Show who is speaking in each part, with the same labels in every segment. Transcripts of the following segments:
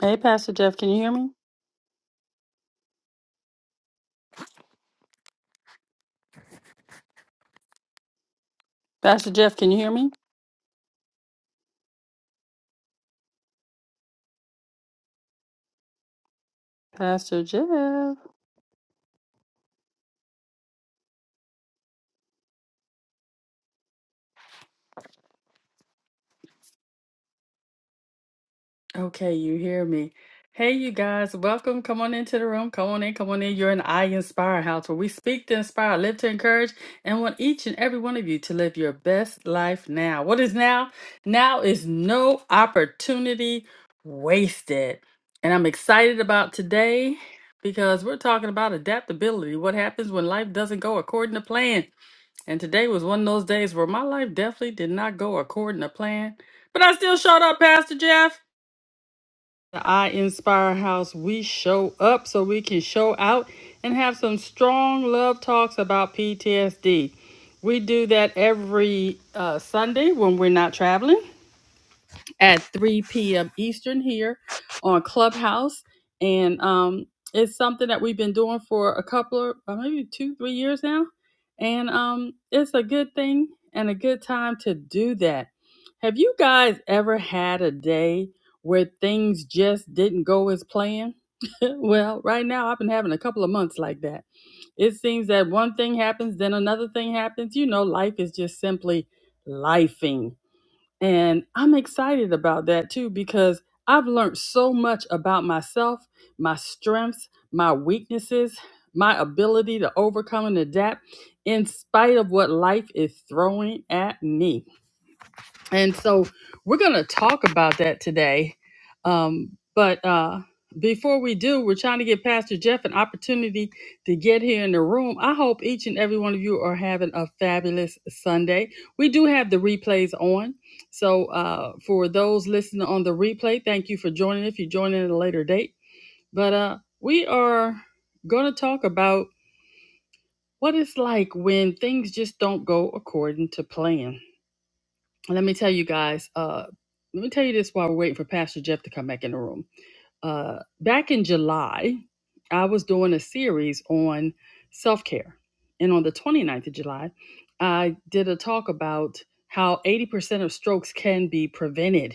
Speaker 1: Hey, Pastor Jeff, can you hear me? Pastor Jeff, can you hear me? Pastor Jeff. Okay, you hear me. Hey, you guys, welcome. Come on into the room. Come on in. Come on in. You're in I Inspire House where we speak to inspire, live to encourage, and want each and every one of you to live your best life now. What is now? Now is no opportunity wasted. And I'm excited about today because we're talking about adaptability what happens when life doesn't go according to plan. And today was one of those days where my life definitely did not go according to plan. But I still showed up, Pastor Jeff. The I Inspire House, we show up so we can show out and have some strong love talks about PTSD. We do that every uh, Sunday when we're not traveling at 3 p.m. Eastern here on Clubhouse. And um, it's something that we've been doing for a couple of uh, maybe two, three years now. And um, it's a good thing and a good time to do that. Have you guys ever had a day where things just didn't go as planned? well, right now I've been having a couple of months like that. It seems that one thing happens, then another thing happens. You know, life is just simply lifing and I'm excited about that too because I've learned so much about myself, my strengths, my weaknesses, my ability to overcome and adapt in spite of what life is throwing at me. And so we're going to talk about that today. Um, but uh, before we do, we're trying to get Pastor Jeff an opportunity to get here in the room. I hope each and every one of you are having a fabulous Sunday. We do have the replays on. So uh, for those listening on the replay, thank you for joining if you join in at a later date. But uh, we are going to talk about what it's like when things just don't go according to plan let me tell you guys uh let me tell you this while we're waiting for pastor jeff to come back in the room uh back in july i was doing a series on self-care and on the 29th of july i did a talk about how 80% of strokes can be prevented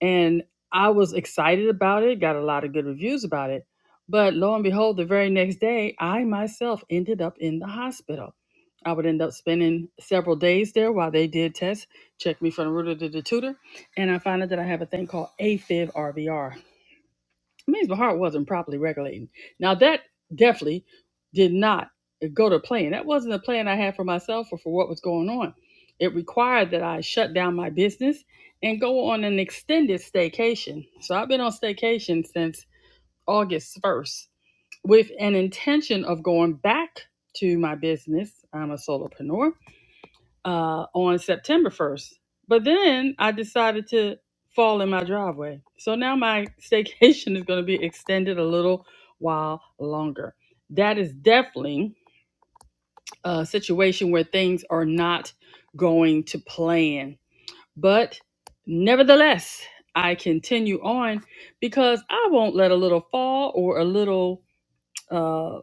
Speaker 1: and I was excited about it, got a lot of good reviews about it. But lo and behold, the very next day, I myself ended up in the hospital. I would end up spending several days there while they did tests, check me from the rooter to the tutor, and I found out that I have a thing called AFib RVR it means my heart wasn't properly regulating. Now that definitely did not go to plan. That wasn't a plan I had for myself or for what was going on. It required that I shut down my business and go on an extended staycation. So I've been on staycation since August 1st with an intention of going back to my business. I'm a solopreneur uh, on September 1st. But then I decided to fall in my driveway. So now my staycation is going to be extended a little while longer. That is definitely a situation where things are not going to plan. But nevertheless, I continue on because I won't let a little fall or a little uh,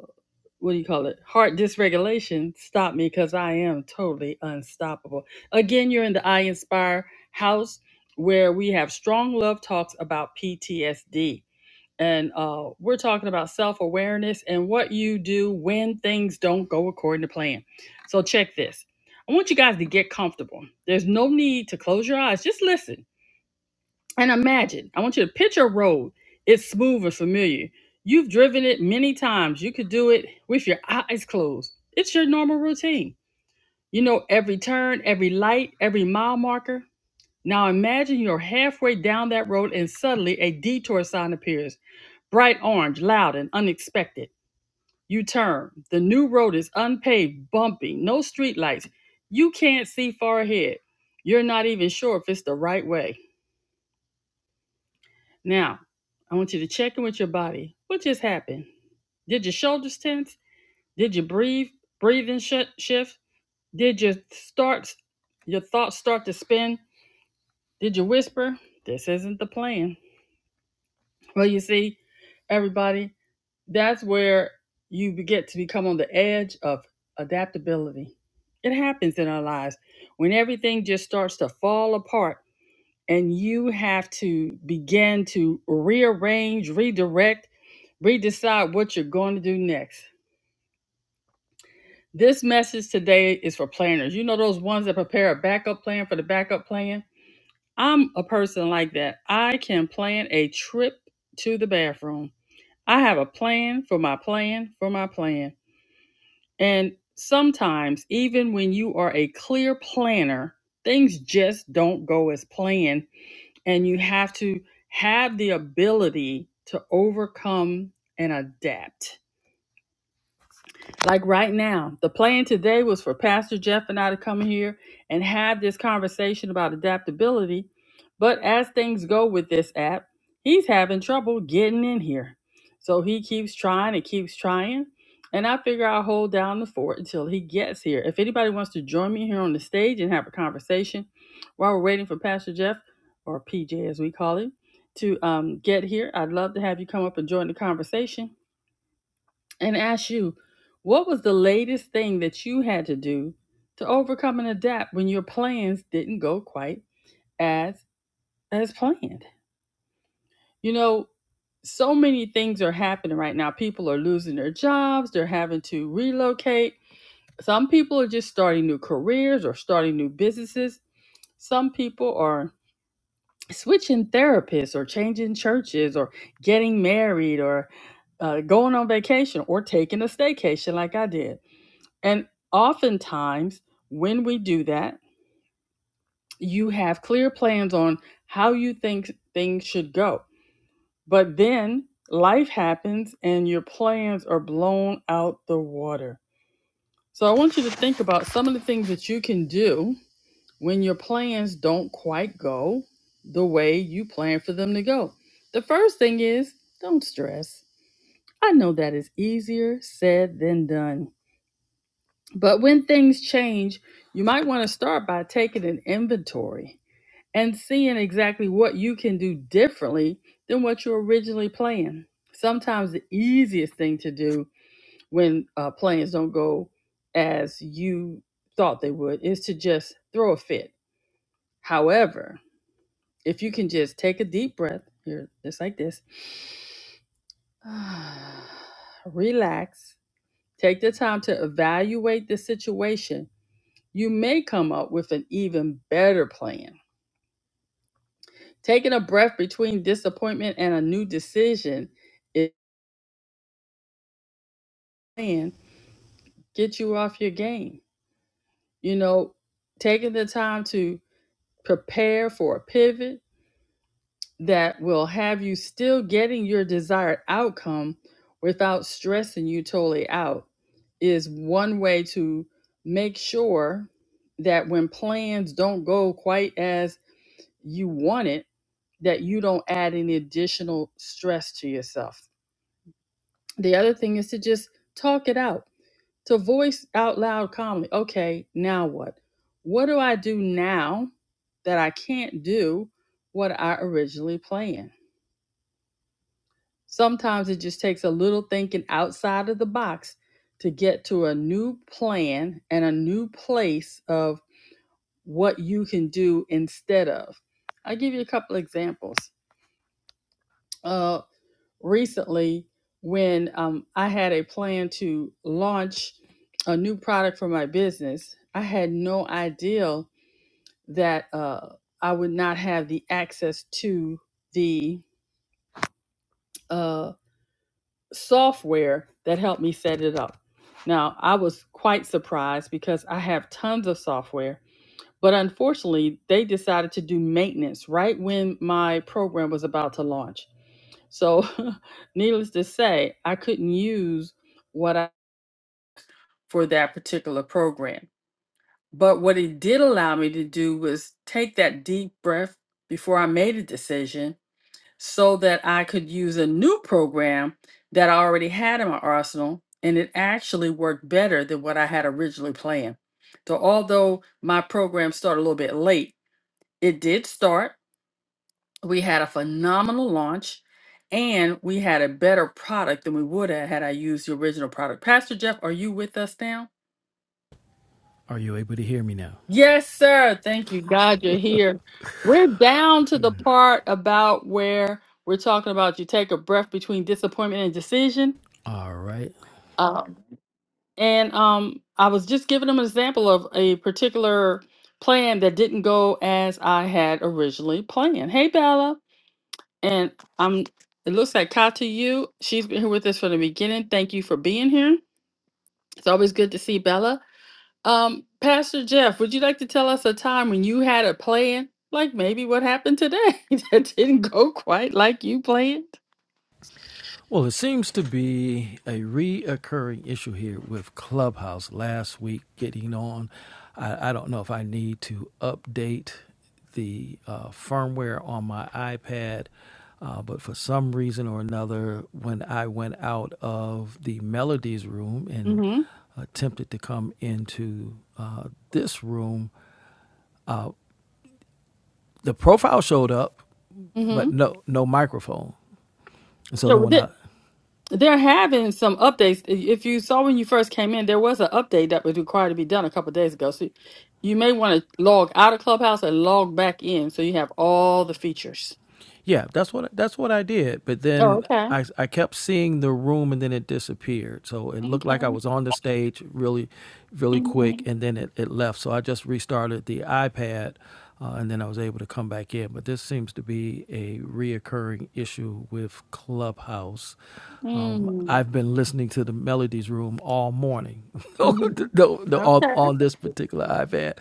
Speaker 1: what do you call it? Heart dysregulation stop me because I am totally unstoppable. Again, you're in the I Inspire house where we have strong love talks about PTSD. And uh, we're talking about self awareness and what you do when things don't go according to plan. So, check this. I want you guys to get comfortable. There's no need to close your eyes, just listen. And imagine, I want you to picture a road. It's smooth and familiar. You've driven it many times. You could do it with your eyes closed. It's your normal routine. You know every turn, every light, every mile marker. Now imagine you're halfway down that road and suddenly a detour sign appears, bright orange, loud, and unexpected. You turn. The new road is unpaved, bumpy, no streetlights. You can't see far ahead. You're not even sure if it's the right way. Now, I want you to check in with your body. What just happened? Did your shoulders tense? Did you breathe? Breathing sh- shift? Did your starts, your thoughts start to spin? Did you whisper? This isn't the plan. Well, you see, everybody, that's where you be- get to become on the edge of adaptability. It happens in our lives when everything just starts to fall apart and you have to begin to rearrange, redirect, Redecide what you're going to do next. This message today is for planners. You know those ones that prepare a backup plan for the backup plan? I'm a person like that. I can plan a trip to the bathroom. I have a plan for my plan for my plan. And sometimes, even when you are a clear planner, things just don't go as planned. And you have to have the ability to overcome and adapt like right now. The plan today was for Pastor Jeff and I to come here and have this conversation about adaptability. But as things go with this app, he's having trouble getting in here. So he keeps trying and keeps trying. And I figure I'll hold down the fort until he gets here. If anybody wants to join me here on the stage and have a conversation while we're waiting for Pastor Jeff, or PJ as we call him, to um, get here, I'd love to have you come up and join the conversation and ask you, what was the latest thing that you had to do to overcome and adapt when your plans didn't go quite as as planned? You know, so many things are happening right now. People are losing their jobs, they're having to relocate. Some people are just starting new careers or starting new businesses. Some people are switching therapists or changing churches or getting married or uh, going on vacation or taking a staycation like I did And oftentimes, when we do that, you have clear plans on how you think things should go. But then life happens and your plans are blown out the water. So I want you to think about some of the things that you can do when your plans don't quite go the way you plan for them to go. The first thing is don't stress. I know that is easier said than done. But when things change, you might want to start by taking an inventory and seeing exactly what you can do differently than what you originally planned. Sometimes the easiest thing to do when uh, plans don't go as you thought they would is to just throw a fit. However, if you can just take a deep breath here, just like this, relax, take the time to evaluate the situation you may come up with an even better plan. Taking a breath between disappointment and a new decision is can get you off your game. You know, taking the time to prepare for a pivot that will have you still getting your desired outcome without stressing you totally out is one way to make sure that when plans don't go quite as you want it that you don't add any additional stress to yourself. The other thing is to just talk it out, to voice out loud calmly, okay, now what? What do I do now that I can't do what I originally planned? Sometimes it just takes a little thinking outside of the box to get to a new plan and a new place of what you can do instead of. I'll give you a couple examples Uh. recently when um, I had a plan to launch a new product for my business. I had no idea that uh, I would not have the access to the uh, software that helped me set it up. Now, I was quite surprised because I have tons of software, but unfortunately, they decided to do maintenance right when my program was about to launch. So, needless to say, I couldn't use what I for that particular program. But what it did allow me to do was take that deep breath before I made a decision so that I could use a new program that I already had in my arsenal. And it actually worked better than what I had originally planned. So, although my program started a little bit late, it did start. we had a phenomenal launch and we had a better product than we would have had I used the original product. Pastor Jeff, are you with us now?
Speaker 2: Are you able to hear me now?
Speaker 1: Yes, sir. Thank you. God, you're here. We're down to the part about where we're talking about you take a breath between disappointment and decision.
Speaker 2: All right.
Speaker 1: Uh, and um, I was just giving them an example of a particular plan that didn't go as I had originally planned. Hey, Bella. And I'm it looks like Kata you. She's been here with us from the beginning. Thank you for being here. It's always good to see Bella. Um, Pastor Jeff, would you like to tell us a time when you had a plan? Like maybe what happened today that didn't go quite like you planned?
Speaker 2: Well, it seems to be a reoccurring issue here with Clubhouse last week getting on. I, I don't know if I need to update the uh, firmware on my iPad, uh, but for some reason or another, when I went out of the Melodies room and
Speaker 1: Mm-hmm.
Speaker 2: attempted to come into uh, this room, the profile showed up,
Speaker 1: Mm-hmm.
Speaker 2: but no no microphone. And so
Speaker 1: Yeah,
Speaker 2: then
Speaker 1: well,
Speaker 2: when
Speaker 1: they,
Speaker 2: I
Speaker 1: they're having some updates. I- If you saw when you first came in, there was an update that was required to be done a couple days ago. So you may want to log out of Clubhouse and log back in so you have all the features.
Speaker 2: Yeah, that's what that's what I did. But
Speaker 1: Oh,
Speaker 2: then
Speaker 1: okay.
Speaker 2: I I kept seeing the room, and then it disappeared. So it looked like
Speaker 1: Okay.
Speaker 2: I was on the stage really, really quick,
Speaker 1: Mhm.
Speaker 2: and then it, it left. So I just restarted the iPad, uh, and then I was able to come back in. But this seems to be a reoccurring issue with Clubhouse. Um,
Speaker 1: Mm.
Speaker 2: I've been listening to the Melodies Room all morning, the,
Speaker 1: Mhm.
Speaker 2: the, the- on,
Speaker 1: Okay.
Speaker 2: on this particular iPad.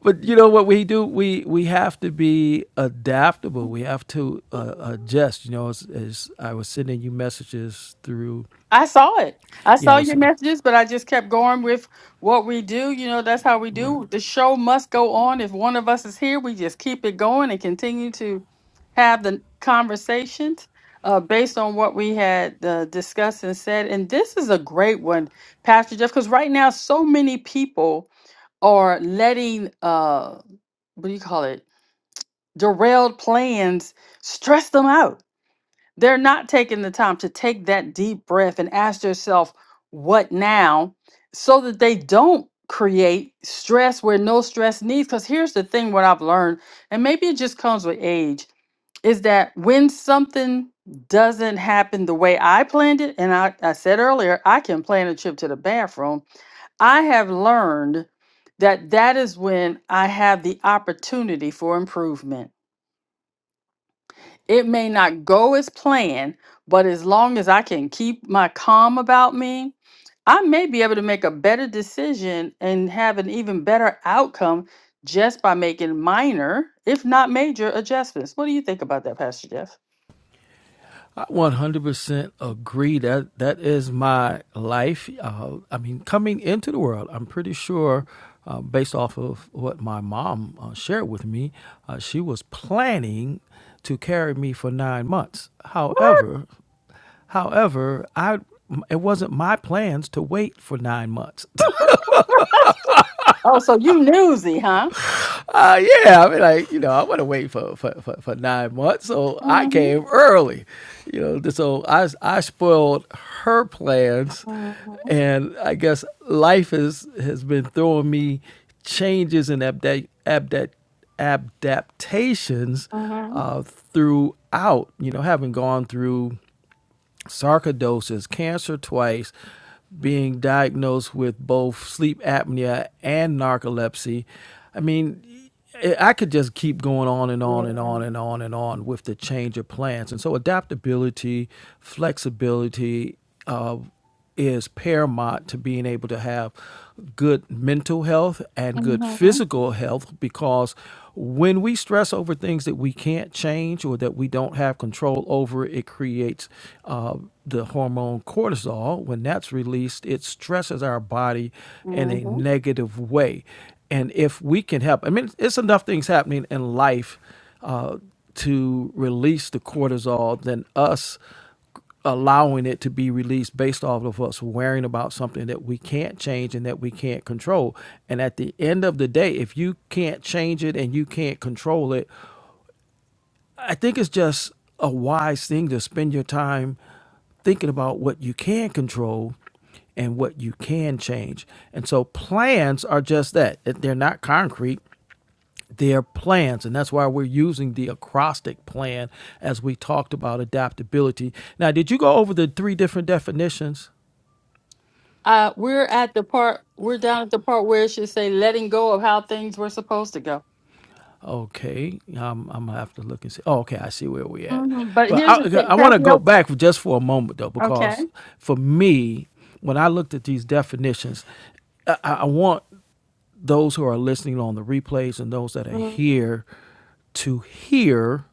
Speaker 2: But you know what we do? We we have to be adaptable. We have to uh, adjust. You know, as, as I was sending you messages through,
Speaker 1: I saw it. I
Speaker 2: yeah, I
Speaker 1: saw
Speaker 2: was
Speaker 1: your
Speaker 2: uh,
Speaker 1: messages, but I just kept going with what we do. You know, that's how we
Speaker 2: right.
Speaker 1: do. The show must go on. If one of us is here, we just keep it going and continue to have the conversations uh, based on what we had uh, discussed and said. And this is a great one, Pastor Jeff, because right now, so many people are letting, uh, what do you call it, derailed plans stress them out They're not taking the time to take that deep breath and ask yourself, what now? So that they don't create stress where no stress needs. Because here's the thing what I've learned, and maybe it just comes with age, is that when something doesn't happen the way I planned it, and I, I said earlier, I can plan a trip to the bathroom. I have learned that that is when I have the opportunity for improvement it may not go as planned, but as long as I can keep my calm about me, I may be able to make a better decision and have an even better outcome just by making minor, if not major, adjustments. What do you think about that, Pastor Jeff?
Speaker 2: I 100% agree that that is my life. Uh, I mean, coming into the world, I'm pretty sure, uh, based off of what my mom uh, shared with me, uh, she was planning to carry me for nine months. However, However, I it wasn't my plans to wait for nine months.
Speaker 1: oh, so you newsy, huh?
Speaker 2: Uh, yeah, I mean, like you know, I want to wait for, for, for, for nine months, so I
Speaker 1: Mm-hmm,
Speaker 2: came early. You know, so I I spoiled her plans,
Speaker 1: mm-hmm,
Speaker 2: and I guess life is has been throwing me changes and abda- abda- adaptations
Speaker 1: mm-hmm,
Speaker 2: uh, throughout. You know, having gone through sarcoidosis, cancer twice, being diagnosed with both sleep apnea and narcolepsy. I mean, I could just keep going on and on
Speaker 1: yeah.
Speaker 2: and on and on and on with the change of plans. And so, adaptability, flexibility. uh, is paramount to being able to have good mental health and good
Speaker 1: mm-hmm,
Speaker 2: physical health because when we stress over things that we can't change or that we don't have control over, it creates uh, the hormone cortisol. When that's released, it stresses our body in a
Speaker 1: mm-hmm.
Speaker 2: negative way. And if we can help, I mean, it's enough things happening in life uh, to release the cortisol than us allowing it to be released based off of us worrying about something that we can't change and that we can't control. And at the end of the day, if you can't change it and you can't control it, I think it's just a wise thing to spend your time thinking about what you can control and what you can change. And so plans are just that. They're not concrete their plans. And that's why we're using the acrostic plan as we talked about adaptability. Now, did you go over the three different definitions?
Speaker 1: Uh, we're at the part, we're down at the part where it should say letting go of how things were supposed to go.
Speaker 2: Okay, um, I'm gonna have to look and see. Oh, okay, I see where we at.
Speaker 1: hmm But
Speaker 2: Well,
Speaker 1: here's
Speaker 2: I,
Speaker 1: the thing,
Speaker 2: I want to go
Speaker 1: tapioca.
Speaker 2: back for just for a moment though,
Speaker 1: Okay.
Speaker 2: because for me, when I looked at these definitions, I, I I want those who are listening on the replays and those that are
Speaker 1: hmm
Speaker 2: here to hear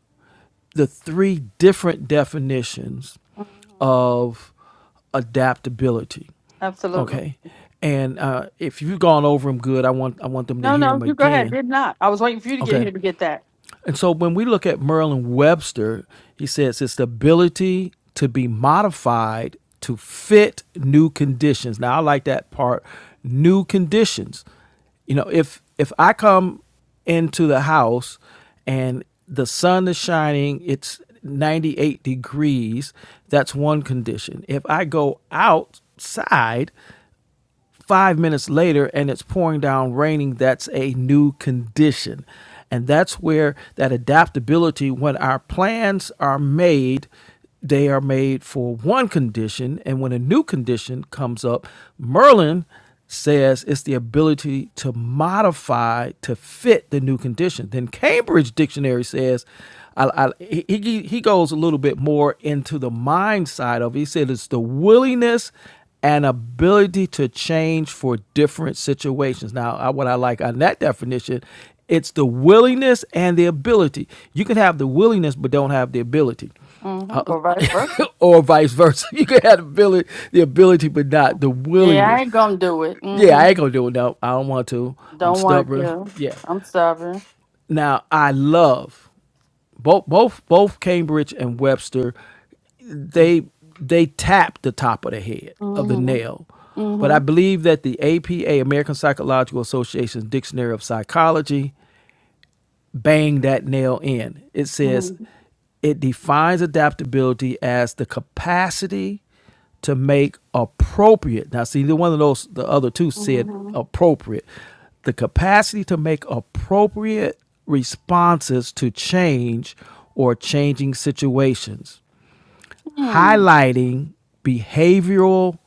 Speaker 2: the three different definitions
Speaker 1: hmm
Speaker 2: of adaptability.
Speaker 1: Absolutely.
Speaker 2: Okay, and uh, if you've gone over them good, I want I want them to
Speaker 1: No,
Speaker 2: hear
Speaker 1: no,
Speaker 2: them
Speaker 1: you go ahead.
Speaker 2: again.
Speaker 1: Did not. I was waiting for you to get
Speaker 2: Okay,
Speaker 1: here to get that.
Speaker 2: and so when we look at Merlin Webster, he says it's the ability to be modified to fit new conditions. Now I like that part, new conditions. You know, if if I come into the house and the sun is shining, it's 98 degrees, that's one condition. If I go outside five minutes later and it's pouring down raining, that's a new condition. And that's where that adaptability, when our plans are made, they are made for one condition. And when a new condition comes up, Merlin says it's the ability to modify to fit the new condition. Then Cambridge Dictionary says, I, I, he, he he goes a little bit more into the mind side of it. He said it's the willingness an ability to change for different situations. Now, I, what I like on that definition, it's the willingness and the ability. You can have the willingness but don't have the ability.
Speaker 1: hmm
Speaker 2: Uh,
Speaker 1: Or vice versa.
Speaker 2: or vice versa. You can have the ability, the ability, but not the
Speaker 1: Yeah, I
Speaker 2: willingness.
Speaker 1: ain't gonna do it.
Speaker 2: Yeah,
Speaker 1: hmm
Speaker 2: I ain't gonna do it. No, I don't want to. I'm
Speaker 1: Don't want
Speaker 2: stubborn.
Speaker 1: to.
Speaker 2: Yeah.
Speaker 1: I'm stubborn.
Speaker 2: Now I love both both both Cambridge and Webster, they they tapped the top of the head of the
Speaker 1: hmm
Speaker 2: nail. But
Speaker 1: hmm
Speaker 2: I believe that the APA, American Psychological Association's Dictionary of Psychology, bang that nail in. It says
Speaker 1: hmm
Speaker 2: it defines adaptability as the capacity to make appropriate. Now, see, either one of those, the other two said
Speaker 1: hmm
Speaker 2: appropriate. The capacity to make appropriate responses to change or changing situations,
Speaker 1: Hmm.
Speaker 2: highlighting behavioral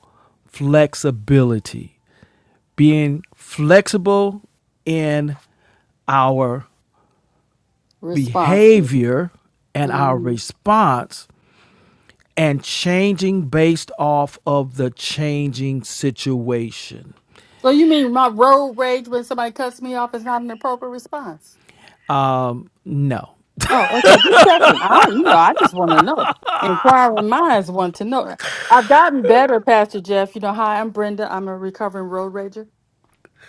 Speaker 2: flexibility, being flexible in our
Speaker 1: Responsive.
Speaker 2: behavior and our
Speaker 1: hmm
Speaker 2: response and changing based off of the changing situation.
Speaker 1: So you mean my road rage when somebody cuts me off is not an appropriate response?
Speaker 2: No.
Speaker 1: Oh, okay. Just checking. I, you know, I just want to know. Inquiring minds want to know. I've gotten better, Pastor Jeff. You know, hi, I'm Brenda. I'm a recovering road rager.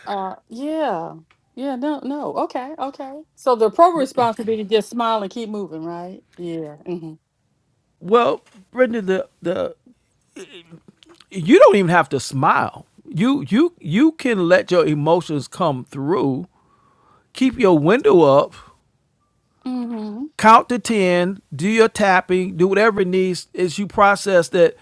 Speaker 1: Uh, yeah, yeah. No, no. Okay, okay. So the appropriate response would be to just smile and keep moving, right? Yeah. Mm-hmm.
Speaker 2: Well, Brenda, the, the you don't even have to smile. You you you can let your emotions come through. Keep your window up.
Speaker 1: Mm-hmm.
Speaker 2: Count to ten. Do your tapping. Do whatever it needs as you process that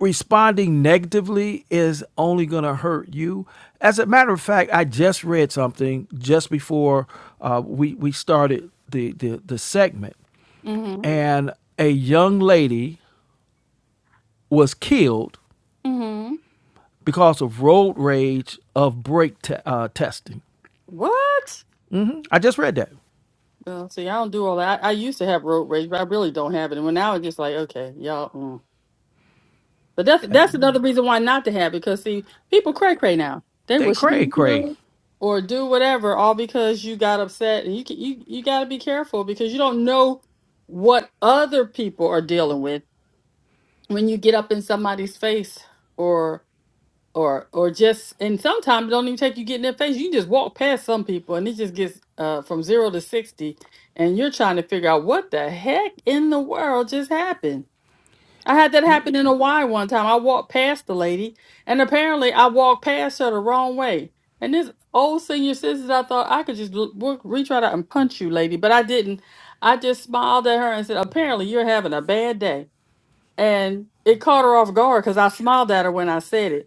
Speaker 2: responding negatively is only going to hurt you. As a matter of fact, I just read something just before uh, we we started the, the the segment,
Speaker 1: Mm-hmm.
Speaker 2: and a young lady was killed
Speaker 1: Mm-hmm.
Speaker 2: because of road rage of brake te- uh, testing.
Speaker 1: What?
Speaker 2: I just read that.
Speaker 1: Well, see, I don't do all that. I, I used to have road rage, but I really don't have it. And when now it's just like, okay, y'all. mm. But that's
Speaker 2: Yeah,
Speaker 1: that's another reason why not to have it. Because see, people cray cray now. They
Speaker 2: they
Speaker 1: will
Speaker 2: cray
Speaker 1: shoot
Speaker 2: cray.
Speaker 1: you or do whatever, all because you got upset. And you can, you you got to be careful because you don't know what other people are dealing with when you get up in somebody's face or or or just and sometimes it don't even take you getting their face. You just walk past some people and it just gets uh, from zero to sixty, and you're trying to figure out what the heck in the world just happened. I had that
Speaker 2: Yeah.
Speaker 1: happen in Hawaii one time. I walked past the lady, and apparently I walked past her the wrong way. And this old senior citizen, I thought I could just l- w- reach right out and punch you, lady, but I didn't. I just smiled at her and said, "Apparently you're having a bad day." And it caught her off guard because I smiled at her when I said it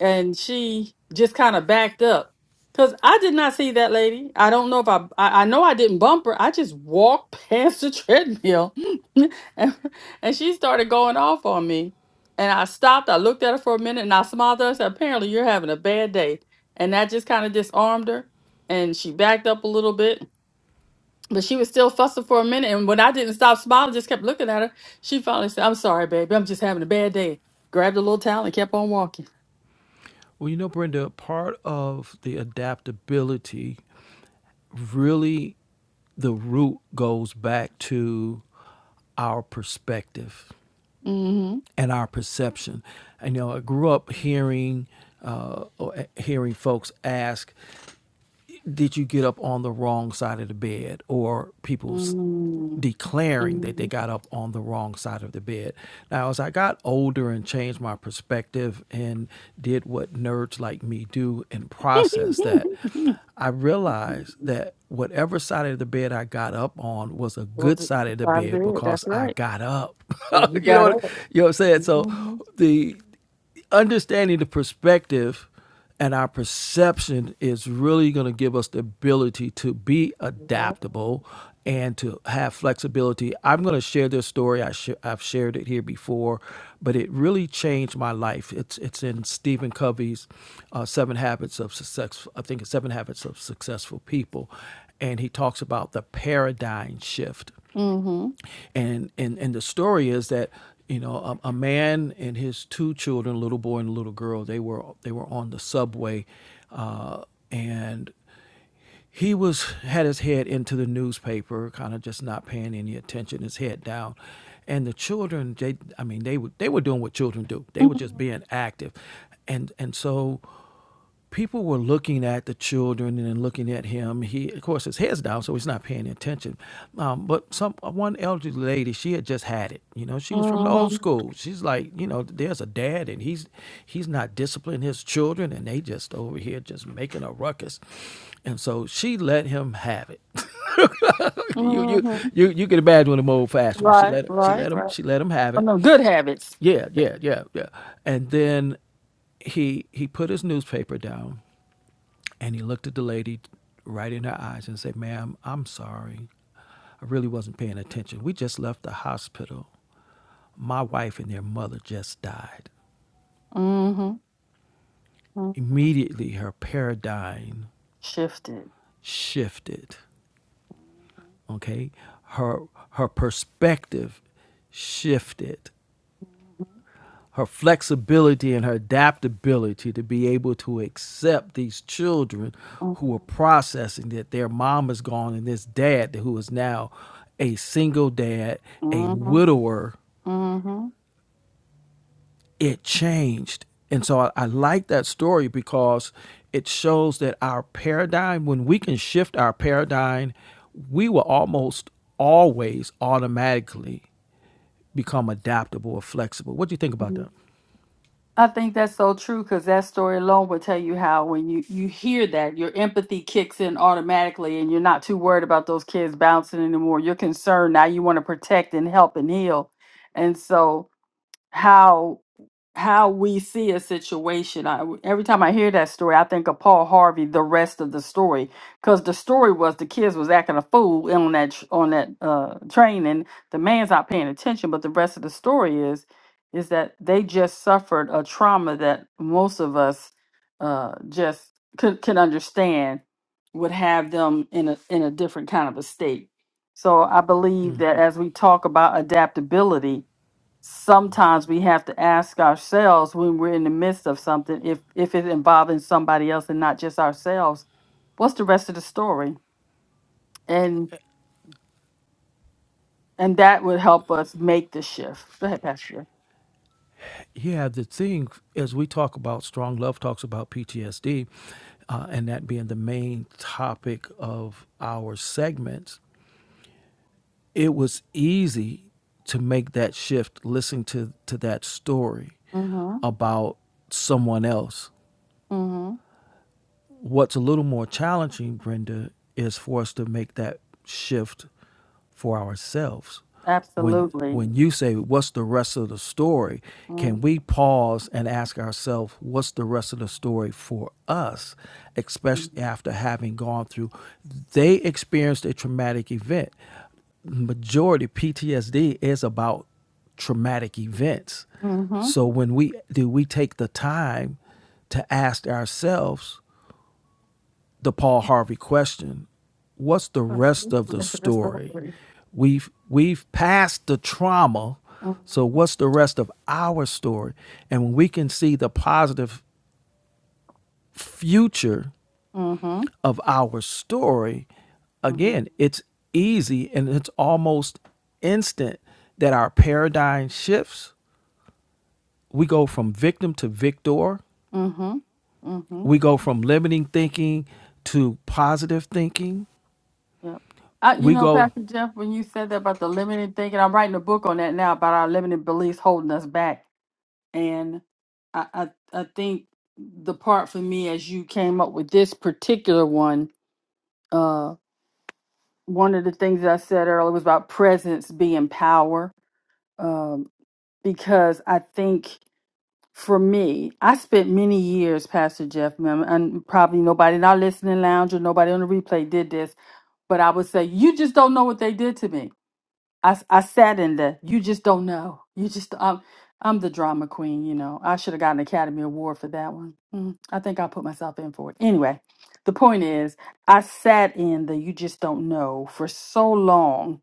Speaker 1: and she just kind of backed up because I did not see that lady. I don't know if I, I I know I didn't bump her. I just walked past the treadmill, and, and she started going off on me. And I stopped. I looked at her for a minute, and I smiled at her. and Said, "Apparently, you're having a bad day," and that just kind of disarmed her. And she backed up a little bit, but she was still fussing for a minute. And when I didn't stop smiling, just kept looking at her. She finally said, "I'm sorry, baby. I'm just having a bad day." Grabbed a little towel and kept on walking.
Speaker 2: Well, you know, Brenda, part of the adaptability really the root goes back to our perspective
Speaker 1: Mm-hmm.
Speaker 2: and our perception. And, you know, I grew up hearing uh, uh, hearing folks ask, did you get up on the wrong side of the bed or people's
Speaker 1: Mm,
Speaker 2: declaring that they
Speaker 1: mm.
Speaker 2: got up on the wrong side of the bed now as i got older and changed my perspective and did what nerds like me do and process that i realized that whatever side of the bed i got up on was a
Speaker 1: well,
Speaker 2: good
Speaker 1: th-
Speaker 2: side of the
Speaker 1: out of
Speaker 2: bed
Speaker 1: bed.
Speaker 2: because
Speaker 1: that's
Speaker 2: i
Speaker 1: right.
Speaker 2: got up
Speaker 1: So You
Speaker 2: you know
Speaker 1: got
Speaker 2: what,
Speaker 1: up.
Speaker 2: you know what i'm saying so
Speaker 1: Mm-hmm.
Speaker 2: the understanding the perspective and our perception is really going to give us the ability to be adaptable and to have flexibility. I'm going to share this story. I sh- I've shared it here before, but it really changed my life. It's it's in Stephen Covey's uh, Seven Habits of Success. I think it's Seven Habits of Successful People, and he talks about the paradigm shift
Speaker 1: Mm-hmm.
Speaker 2: and and and the story is that you know a, a man and his two children, a little boy and a little girl, they were they were on the subway, uh, and he was had his head into the newspaper, kind of just not paying any attention, his head down. And the children, they, I mean, they were they were doing what children do. They were just
Speaker 1: Mm-hmm.
Speaker 2: being active, and and so people were looking at the children and looking at him. He, of course, his head's down, so he's not paying attention. Um, but some one elderly lady, she had just had it. You know, she was from the old school. She's like, you know, there's a dad, and he's he's not disciplining his children, and they just over here just making a ruckus. And so she let him have it. you you
Speaker 1: Mm-hmm.
Speaker 2: you you can imagine the old fashioned was. She
Speaker 1: Right,
Speaker 2: let him she
Speaker 1: right,
Speaker 2: let him
Speaker 1: right.
Speaker 2: she let him have
Speaker 1: Oh,
Speaker 2: it.
Speaker 1: no, good habits.
Speaker 2: Yeah, yeah, yeah, yeah. And then he he put his newspaper down and he looked at the lady right in her eyes and said, Ma'am, I'm sorry. I really wasn't paying attention. We just left the hospital. My wife and their mother just died.
Speaker 1: Mm-hmm. Mm-hmm.
Speaker 2: Immediately, her paradigm
Speaker 1: Shifted.
Speaker 2: shifted. Okay, her her perspective shifted her flexibility and her adaptability to be able to accept these children who are
Speaker 1: Mm-hmm.
Speaker 2: processing that their mom is gone and this dad who is now a single dad, a
Speaker 1: Mm-hmm.
Speaker 2: widower, it changed. And so I, I like that story because it shows that our paradigm, when we can shift our paradigm, we will almost always automatically become adaptable or flexible. What do you think about
Speaker 1: Mm-hmm.
Speaker 2: that?
Speaker 1: I think that's so true because that story alone will tell you how when you you hear that your empathy kicks in automatically and you're not too worried about those kids bouncing anymore. You're concerned now. You want to protect and help and heal, and so how how we see a situation. I, every time I hear that story, I think of Paul Harvey. The rest of the story, because the story was the kids was acting a fool in on that tr- on that uh, train, and the man's not paying attention. But the rest of the story is is that they just suffered a trauma that most of us uh, just could, can understand would have them in a in a different kind of a state. So I believe that as we talk about adaptability, sometimes we have to ask ourselves when we're in the midst of something if if it's involving somebody else and not just ourselves what's the rest of the story and and that would help us make the shift go ahead pastor
Speaker 2: yeah, the thing as we talk about strong love talks about PTSD, uh, and that being the main topic of our segments, it was easy to make that shift. listening to to that story
Speaker 1: mm-hmm
Speaker 2: about someone else
Speaker 1: mm-hmm
Speaker 2: What's a little more challenging, Brenda, is for us to make that shift for ourselves. When
Speaker 1: absolutely
Speaker 2: when you say what's the rest of the story,
Speaker 1: mm-hmm
Speaker 2: can we pause and ask ourselves what's the rest of the story for us, especially after having gone through they experienced a traumatic event. Majority PTSD is about traumatic events.
Speaker 1: mm-hmm
Speaker 2: So when we do we take the time to ask ourselves the Paul Harvey question, what's the rest of
Speaker 1: the
Speaker 2: the
Speaker 1: rest of the
Speaker 2: story?
Speaker 1: story
Speaker 2: We've we've passed the trauma, so
Speaker 1: mm-hmm
Speaker 2: what's the rest of our story? And when we can see the positive future
Speaker 1: mm-hmm
Speaker 2: of our story,
Speaker 1: mm-hmm
Speaker 2: again, it's easy and it's almost instant that our paradigm shifts. We go from victim to victor.
Speaker 1: mm-hmm mm-hmm
Speaker 2: We go from limiting thinking to positive thinking.
Speaker 1: yep I, you
Speaker 2: We
Speaker 1: know,
Speaker 2: go
Speaker 1: Pastor Jeff, when you said that about the limiting thinking, I'm writing a book on that now about our limiting beliefs holding us back And I, I, I think the part for me as you came up with this particular one, uh, one of the things that I said earlier was about presence being power. Um, because I think for me, I spent many years, Pastor Jeff, man, and probably nobody in our listening lounge or nobody on the replay did this, but I would say, you just don't know what they did to me I, I sat in the you just don't know. You just I'm I'm the drama queen, you know. I should have gotten an Academy Award for that one. Mm, I think I will put myself in for it. Anyway, the point is I sat in the you just don't know for so long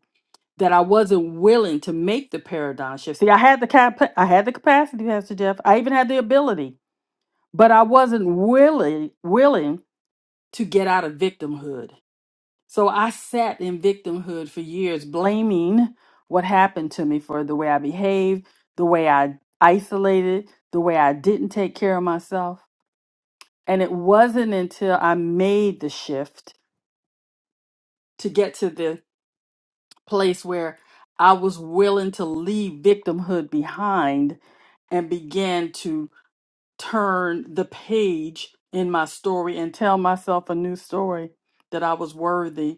Speaker 1: that I wasn't willing to make the paradigm shift. See, I had the cap- I had the capacity, Pastor Jeff. I even had the ability, but I wasn't willing willing to get out of victimhood. So I sat in victimhood for years, blaming what happened to me for the way I behaved, the way I isolated, the way I didn't take care of myself. And it wasn't until I made the shift to get to the place where I was willing to leave victimhood behind and began to turn the page in my story and tell myself a new story that I was worthy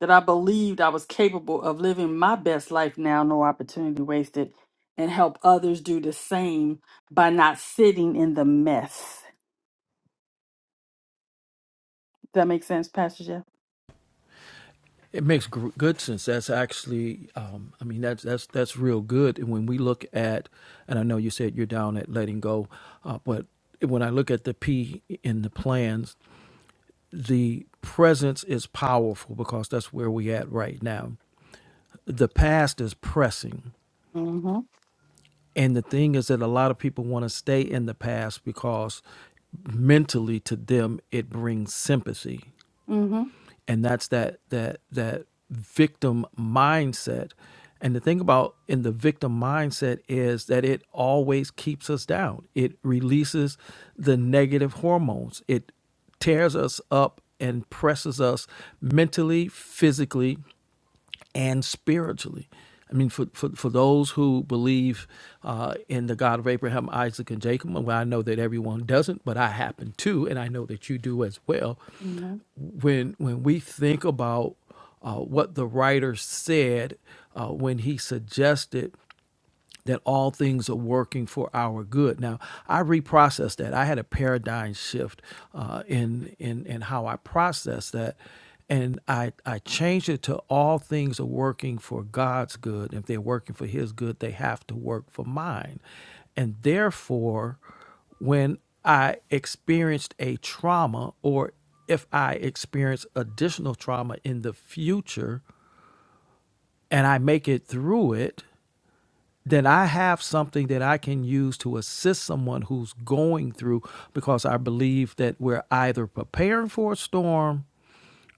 Speaker 1: that I believed I was capable of living my best life now, no opportunity wasted, and help others do the same by not sitting in the mess. Does that make sense, Pastor Jeff?
Speaker 2: It makes gr- good sense. That's actually, um, I mean, that's that's that's real good. And when we look at, and I know you said you're down at letting go, uh, but when I look at the P in the plans, the presence is powerful because that's where we at right now. The past is pressing,
Speaker 1: Mm-hmm.
Speaker 2: and the thing is that a lot of people want to stay in the past because mentally to them it brings sympathy
Speaker 1: Mm-hmm.
Speaker 2: and that's that that that victim mindset and the thing about in the victim mindset is that it always keeps us down it releases the negative hormones it tears us up and presses us mentally physically and spiritually I mean, for, for, for those who believe uh, in the God of Abraham, Isaac, and Jacob, and well, I know that everyone doesn't, but I happen to, and I know that you do as well
Speaker 1: mm-hmm.
Speaker 2: when when we think about uh, what the writer said uh, when he suggested that all things are working for our good. Now, I reprocessed that. I had a paradigm shift uh, in in in how I processed that, and I I changed it to all things are working for God's good. If they're working for His good, they have to work for mine, and therefore, when I experienced a trauma or if I experience additional trauma in the future and I make it through it, then I have something that I can use to assist someone who's going through because I believe that we're either preparing for a storm,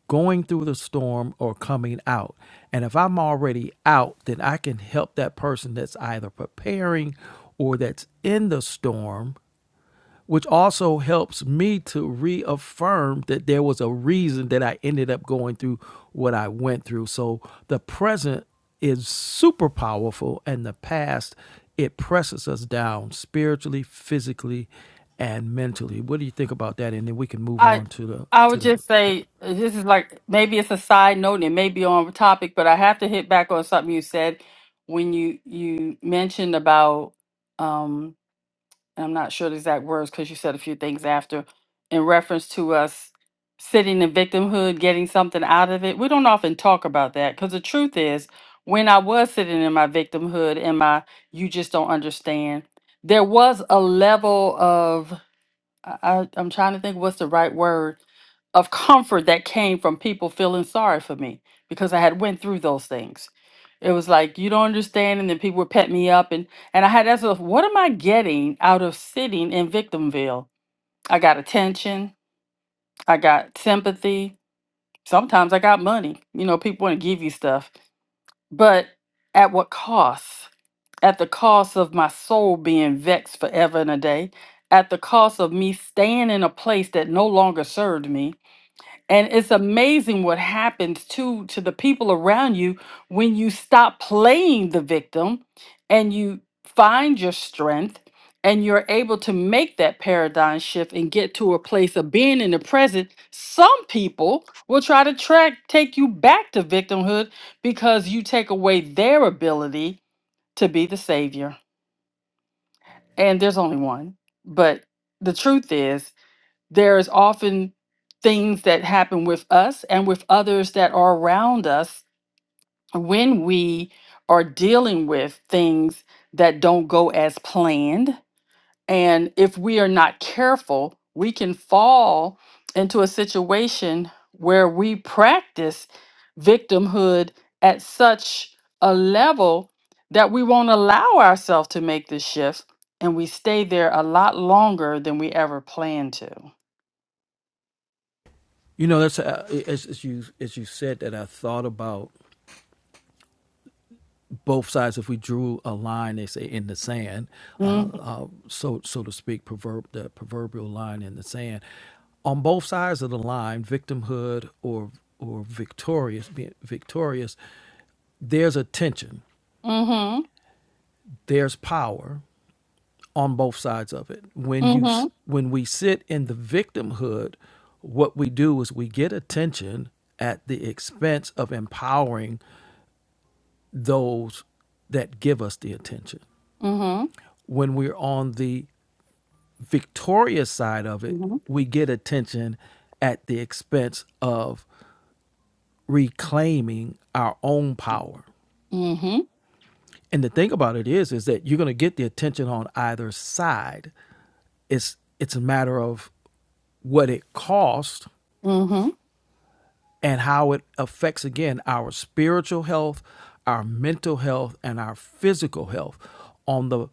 Speaker 2: going through the storm, or coming out. And if I'm already out, then I can help that person that's either preparing or that's in the storm which also helps me to reaffirm that there was a reason that I ended up going through what I went through. So the present is super powerful, and the past, it presses us down spiritually, physically, and mentally. What do you think about that? And then we can move
Speaker 1: I
Speaker 2: on to the
Speaker 1: I
Speaker 2: to
Speaker 1: would
Speaker 2: the.
Speaker 1: just say uh, this is like maybe it's a side note and it may be on topic, but I have to hit back on something you said when you you mentioned about um, and I'm not sure the exact words because you said a few things after, in reference to us sitting in victimhood, getting something out of it. We don't often talk about that because the truth is, when I was sitting in my victimhood and my you just don't understand, there was a level of I, I I'm trying to think what's the right word of comfort that came from people feeling sorry for me because I had went through those things. It was like you don't understand, and then people would pet me up, and and I had that sort of what am I getting out of sitting in Victimville? I got attention, I got sympathy, sometimes I got money. You know, people want to give you stuff, but at what cost? at the cost of my soul being vexed forever and a day, at the cost of me staying in a place that no longer served me. And it's amazing what happens to to the people around you when you stop playing the victim and you find your strength and you're able to make that paradigm shift and get to a place of being in the present. Some people will try to track take you back to victimhood because you take away their ability to be the savior and there's only one. But the truth is, there is often things that happen with us and with others that are around us when we are dealing with things that don't go as planned and if we are not careful, we can fall into a situation where we practice victimhood at such a level that we won't allow ourselves to make the shift and we stay there a lot longer than we ever planned to.
Speaker 2: You know, that's uh, as, as you as you said that I thought about. both sides, if we drew a line, they say in the sand, uh,
Speaker 1: Mm
Speaker 2: uh, so so to speak, proverb the proverbial line in the sand. On both sides of the line, victimhood or or victorious, being victorious, there's a tension,
Speaker 1: hmm. Mm
Speaker 2: there's power on both sides of it.
Speaker 1: hmm.
Speaker 2: When you s-
Speaker 1: Mm
Speaker 2: when we sit in the victimhood, what we do is we get attention at the expense of empowering those that give us the attention.
Speaker 1: hmm. Mm
Speaker 2: When we're on the Victoria's side of it, we get attention at the expense of reclaiming our own power.
Speaker 1: hmm.
Speaker 2: And the thing about it is, is that you're going to get the attention on either side. It's it's a matter of what it costs.
Speaker 1: Mm hmm.
Speaker 2: and how it affects again our spiritual health, our mental health, and our physical health. On the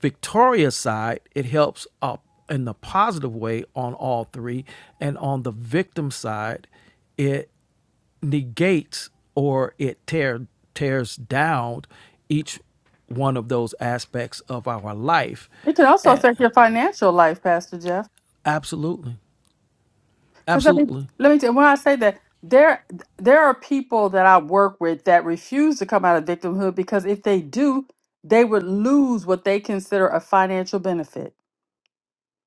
Speaker 2: victorious side, it helps up in the positive way on all three, and on the victim side, it negates or it tear, tears down each one of those aspects of our life.
Speaker 1: It could also
Speaker 2: And
Speaker 1: affect your financial life, Pastor Jeff.
Speaker 2: absolutely,
Speaker 1: Because let me
Speaker 2: absolutely.
Speaker 1: let me tell you, when I say that there there are people that I work with that refuse to come out of victimhood because if they do, they would lose what they consider a financial benefit.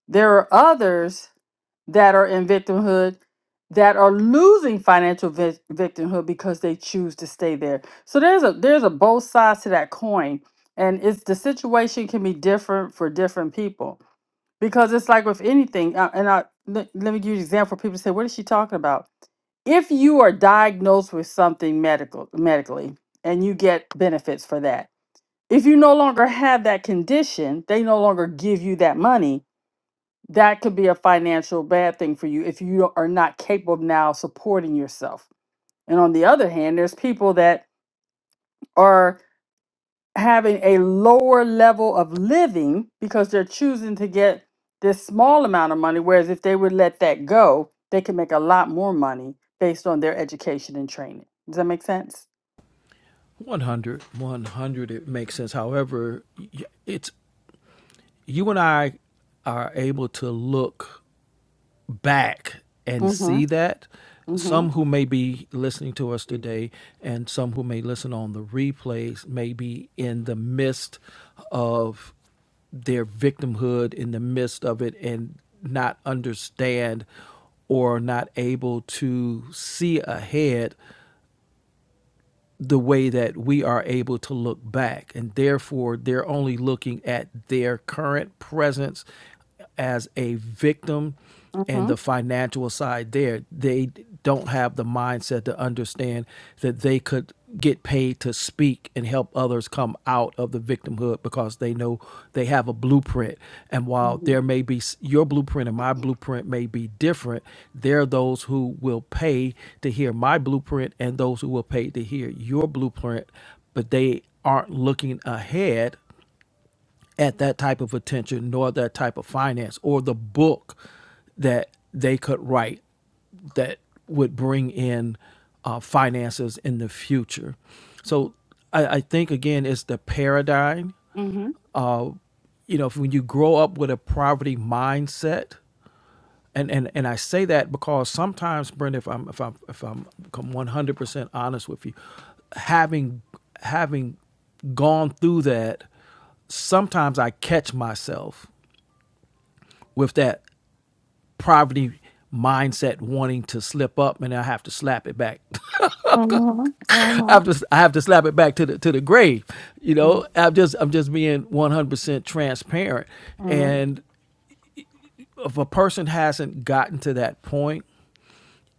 Speaker 1: There are others that are in victimhood that are losing financial vic- victimhood because they choose to stay there. So there's a there's a both sides to that coin, and it's the situation can be different for different people because it's like with anything. uh, And I let, let me give you an example. People say, "What is she talking about?" if you are diagnosed with something medical medically and you get benefits for that if you no longer have that condition they no longer give you that money that could be a financial bad thing for you if you are not capable of now supporting yourself and on the other hand there's people that are having a lower level of living because they're choosing to get this small amount of money whereas if they would let that go they could make a lot more money based on their education and training does that make sense
Speaker 2: 100, 100. it makes sense. However, it's you and I are able to look back and see
Speaker 1: Mhm.
Speaker 2: that.
Speaker 1: Mhm.
Speaker 2: Some who may be listening to us
Speaker 1: Mhm.
Speaker 2: today and some who may listen on the replays may be in the midst of their victimhood, in the midst of it, and not understand or not able to see ahead the way that we are able to look back. And therefore, they're only looking at their current presence as a victim and the
Speaker 1: Mhm.
Speaker 2: financial side there. They don't have the mindset to understand that they could get paid to speak and help help others come out of the victimhood because they know they have a blueprint. And while
Speaker 1: Mhm.
Speaker 2: there may be your blueprint and my blueprint may be different, there are those who will pay to hear my blueprint and those who will pay to hear your blueprint, but they aren't looking ahead at that type of attention nor that type of finance or the book that they could write that would bring in uh, finances in the future. So I, I think again, it's the paradigm.
Speaker 1: Mhm.
Speaker 2: You know, if, when you grow up with a poverty mindset, and and and I say that because sometimes, Brenda, if I'm if I'm if I'm one hundred percent honest with you, having having gone through that, sometimes I catch myself with that poverty mindset wanting to slip up and I have to slap it back.
Speaker 1: Mhm.
Speaker 2: I have to I have to slap it back to the to the grave. You know,
Speaker 1: Mhm.
Speaker 2: I'm just I'm just being 100% transparent
Speaker 1: Mhm.
Speaker 2: and if a person hasn't gotten to that point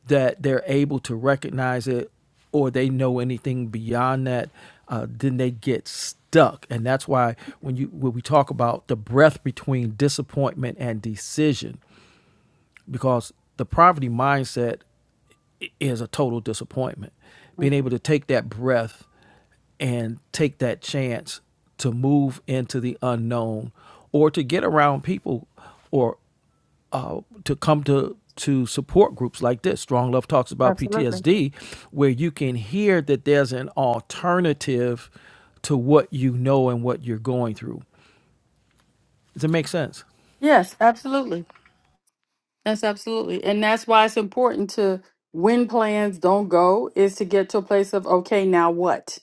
Speaker 2: that they're able to recognize it or they know anything beyond that, uh, then they get stuck. And that's why when you when we talk about the breath between disappointment and decision, because the poverty mindset is a total disappointment. Being
Speaker 1: Mhm.
Speaker 2: able to take that breath and take that chance to move into the unknown or to get around people or uh, to come to to support groups like this. Strong Love talks about
Speaker 1: Absolutely.
Speaker 2: PTSD, where you can hear that there's an alternative to what you know and what you're going through. Does it make sense?
Speaker 1: Yes, absolutely. That's absolutely. And that's why it's important to when plans don't go is to get to a place of okay, now what?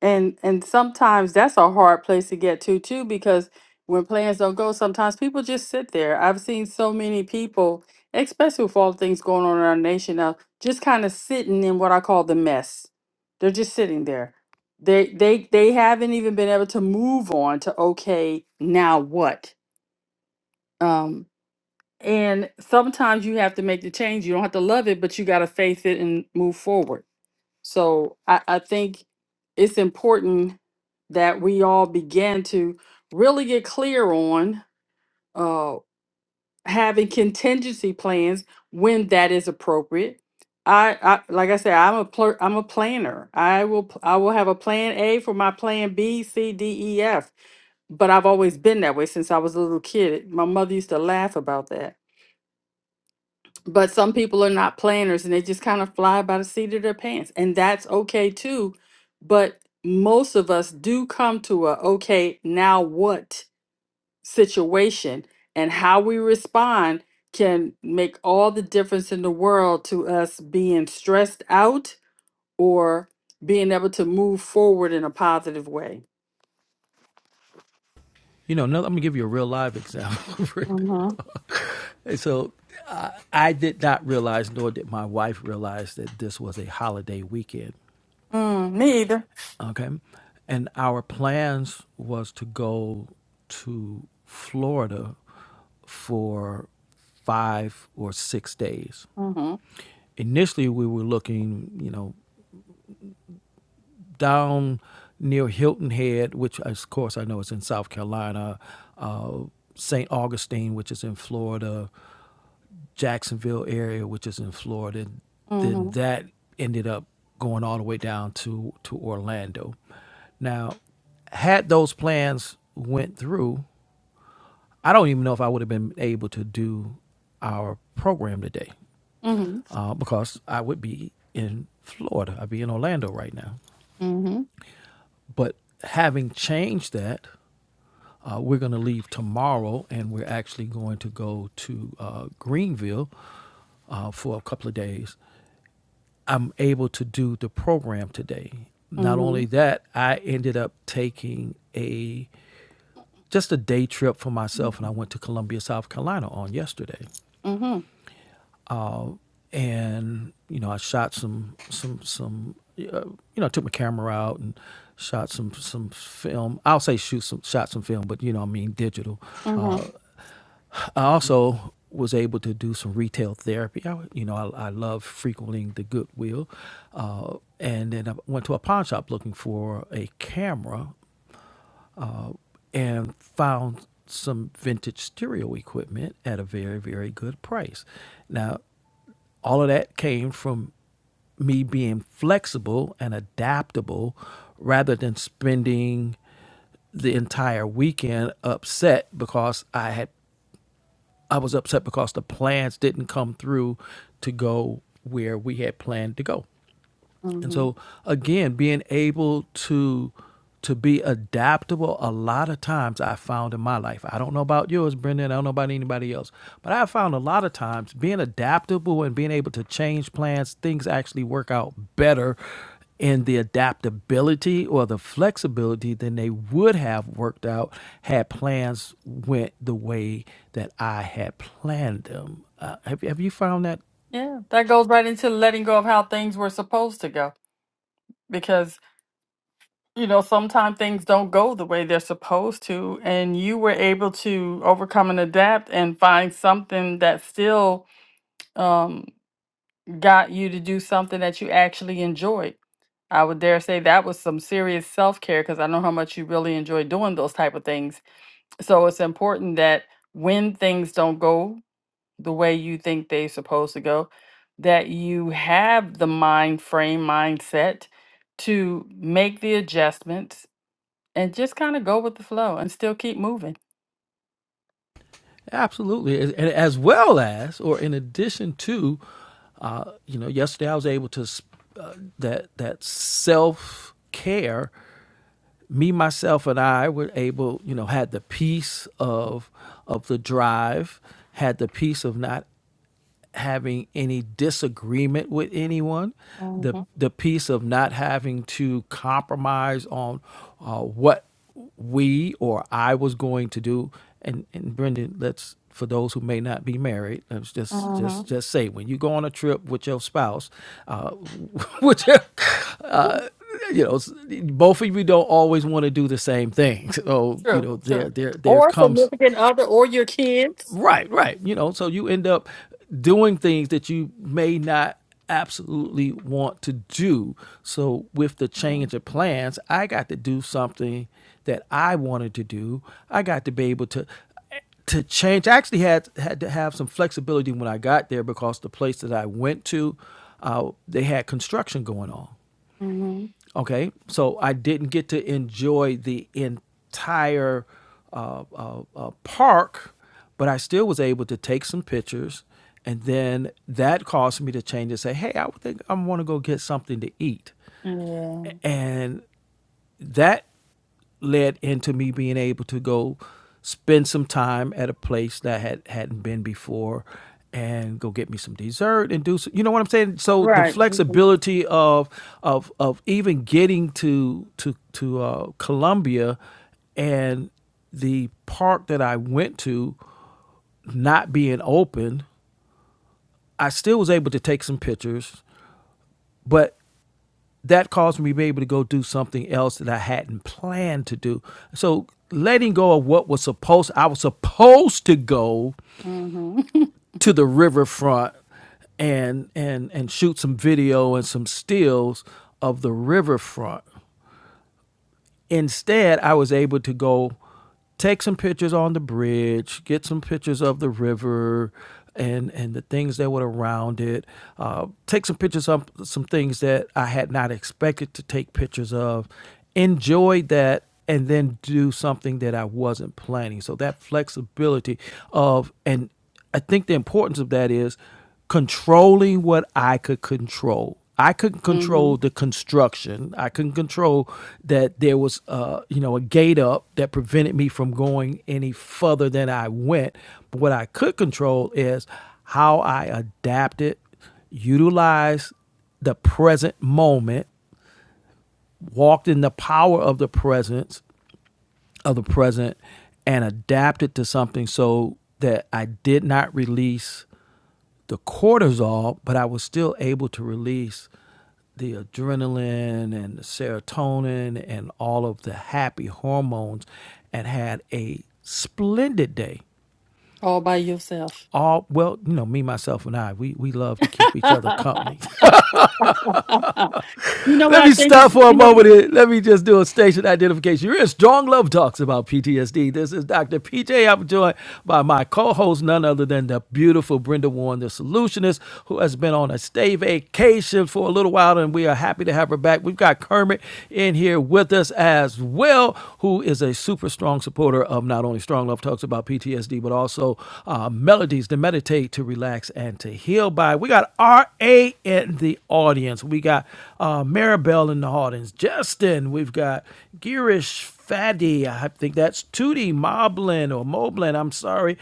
Speaker 1: And and sometimes that's a hard place to get to too, because when plans don't go, sometimes people just sit there. I've seen so many people, especially with all the things going on in our nation now, just kind of sitting in what I call the mess. They're just sitting there. They they they haven't even been able to move on to okay, now what? Um and sometimes you have to make the change. You don't have to love it, but you got to face it and move forward so I, I think it's important that we all begin to really get clear on uh, having contingency plans when that is appropriate. I, I like I said, I'm a pl- I'm a planner. I will pl- I will have a plan A for my plan B, C, D, E, F. But I've always been that way since I was a little kid. My mother used to laugh about that but some people are not planners and they just kind of fly by the seat of their pants. And that's okay too. But most of us do come to a okay, now what situation and how we respond can make all the difference in the world to us being stressed out or being able to move forward in a positive way.
Speaker 2: You know, now let me give you a real live example.
Speaker 1: Mm-hmm.
Speaker 2: Hey, So I, I did not realize, nor did my wife realize, that this was a holiday weekend.
Speaker 1: Mm, me either.
Speaker 2: Okay, and our plans was to go to Florida for five or six days.
Speaker 1: Mm-hmm.
Speaker 2: Initially, we were looking, you know, down near Hilton Head, which of course I know is in South Carolina, uh, St. Augustine, which is in Florida, Jacksonville area, which is in Florida. And then
Speaker 1: Mm-hmm.
Speaker 2: that ended up going all the way down to to Orlando. Now, had those plans went through, I don't even know if I would have been able to do our program today
Speaker 1: Mm-hmm.
Speaker 2: uh, because I would be in Florida. I'd be in Orlando right now.
Speaker 1: Mm-hmm.
Speaker 2: But having changed that, uh, we're going to leave tomorrow and we're actually going to go to uh, Greenville uh, for a couple of days I'm able to do the program today. Not
Speaker 1: Mm-hmm.
Speaker 2: only that, I ended up taking a just a day trip for myself and I went to Columbia, South Carolina on yesterday.
Speaker 1: Mm-hmm.
Speaker 2: And you know, I shot some some some uh, you know, I took my camera out and shot some some film. I'll say shoot some shot some film, but you know, I mean digital. uh,
Speaker 1: Mm-hmm.
Speaker 2: I also was able to do some retail therapy. I, you know, I, I love frequenting the Goodwill, uh, and then I went to a pawn shop looking for a camera and found some vintage stereo equipment at a very very good price. Now, all of that came from me being flexible and adaptable rather than spending the entire weekend upset because I had I was upset because the plans didn't come through to go where we had planned to go and
Speaker 1: Mm-hmm.
Speaker 2: so again being able to to be adaptable a lot of times i found in my life i don't know about yours brendan i don't know about anybody else but i found a lot of times being adaptable and being able to change plans things actually work out better in the adaptability or the flexibility than they would have worked out had plans went the way that i had planned them uh, have, have you found that
Speaker 1: Yeah, that goes right into letting go of how things were supposed to go because, you know, sometimes things don't go the way they're supposed to, and you were able to overcome and adapt and find something that still um, got you to do something that you actually enjoyed. I would dare say that was some serious self-care because I know how much you really enjoy doing those type of things. So it's important that when things don't go the way you think they're supposed to go, that you have the mind frame mindset to make the adjustments and just kind of go with the flow and still keep moving.
Speaker 2: Absolutely, and as well as, or in addition to, uh, you know, yesterday I was able to uh, that that self care. Me, myself, and I were able, you know, had the peace of of the drive, had the peace of not having any disagreement with anyone, the
Speaker 1: Mm-hmm.
Speaker 2: the piece of not having to compromise on uh, what we or I was going to do. And and Brendan, let's for those who may not be married, let's just just
Speaker 1: Mm-hmm.
Speaker 2: just say when you go on a trip with your spouse, uh, with your, uh, you know, s- both of you don't always want to do the same thing. So you
Speaker 1: True,
Speaker 2: know, there
Speaker 1: true.
Speaker 2: there there
Speaker 1: Or
Speaker 2: comes
Speaker 1: significant other or your kids.
Speaker 2: Right, right. You know, so you end up doing things that you may not absolutely want to do. So with the change of plans, I got to do something that I wanted to do. I got to be able to to change. I actually had had to have some flexibility when I got there because the place that I went to, uh, they had construction going on.
Speaker 1: hmm
Speaker 2: Okay, so I didn't get to enjoy the entire uh, uh, uh, park, but I still was able to take some pictures, and then that caused me to change and say, "Hey, I think I want to go get something to eat."
Speaker 1: Yeah.
Speaker 2: And that led into me being able to go spend some time at a place that had hadn't been before and go get me some dessert and do so, you know what I'm saying so the
Speaker 1: Right.
Speaker 2: flexibility of of of even getting to to to uh, Columbia and the park that I went to not being open I still was able to take some pictures but that caused me to be able to go do something else that I hadn't planned to do. So letting go of what was supposed I was supposed to go
Speaker 1: hmm
Speaker 2: to the riverfront and and and shoot some video and some stills of the riverfront instead, I was able to go take some pictures on the bridge, get some pictures of the river and and the things that were around it. Uh, take some pictures of some things that I had not expected to take pictures of. Enjoy that and then do something that I wasn't planning. So that flexibility of and I think the importance of that is controlling what I could control. I couldn't
Speaker 1: hmm
Speaker 2: control the construction. I couldn't control that there was, uh, you know, a gate up that prevented me from going any further than I went. But what I could control is how I adapted, utilized the present moment, walked in the power of the presence of the present, and adapted to something so that I did not release the cortisol, but I was still able to release the adrenaline and the serotonin and all of the happy hormones and had a splendid day.
Speaker 1: All by yourself.
Speaker 2: All well, you know, me, myself, and I, we we love to keep each
Speaker 1: you
Speaker 2: other company.
Speaker 1: know what
Speaker 2: Let
Speaker 1: I
Speaker 2: me
Speaker 1: think is,
Speaker 2: stop for a
Speaker 1: you know,
Speaker 2: moment here. Let me just do a station identification. You're in Strong Love Talks about PTSD. This is Dr. PJ. I'm joined by my co-host, none other than the beautiful Brenda Warren, the solutionist, who has been on a stay vacation for a little while, and we are happy to have her back. We've got Kermit in here with us as well, who is a super strong supporter of not only Strong Love Talks about PTSD, but also uh, Melodies, the Melodies to to relax and to heal by. We got R.A. in the audience. We got uh, Maribel in the audience. Justin. We've got Girish Fadi. I think that's Tootie Moblin or Moblin. I'm sorry.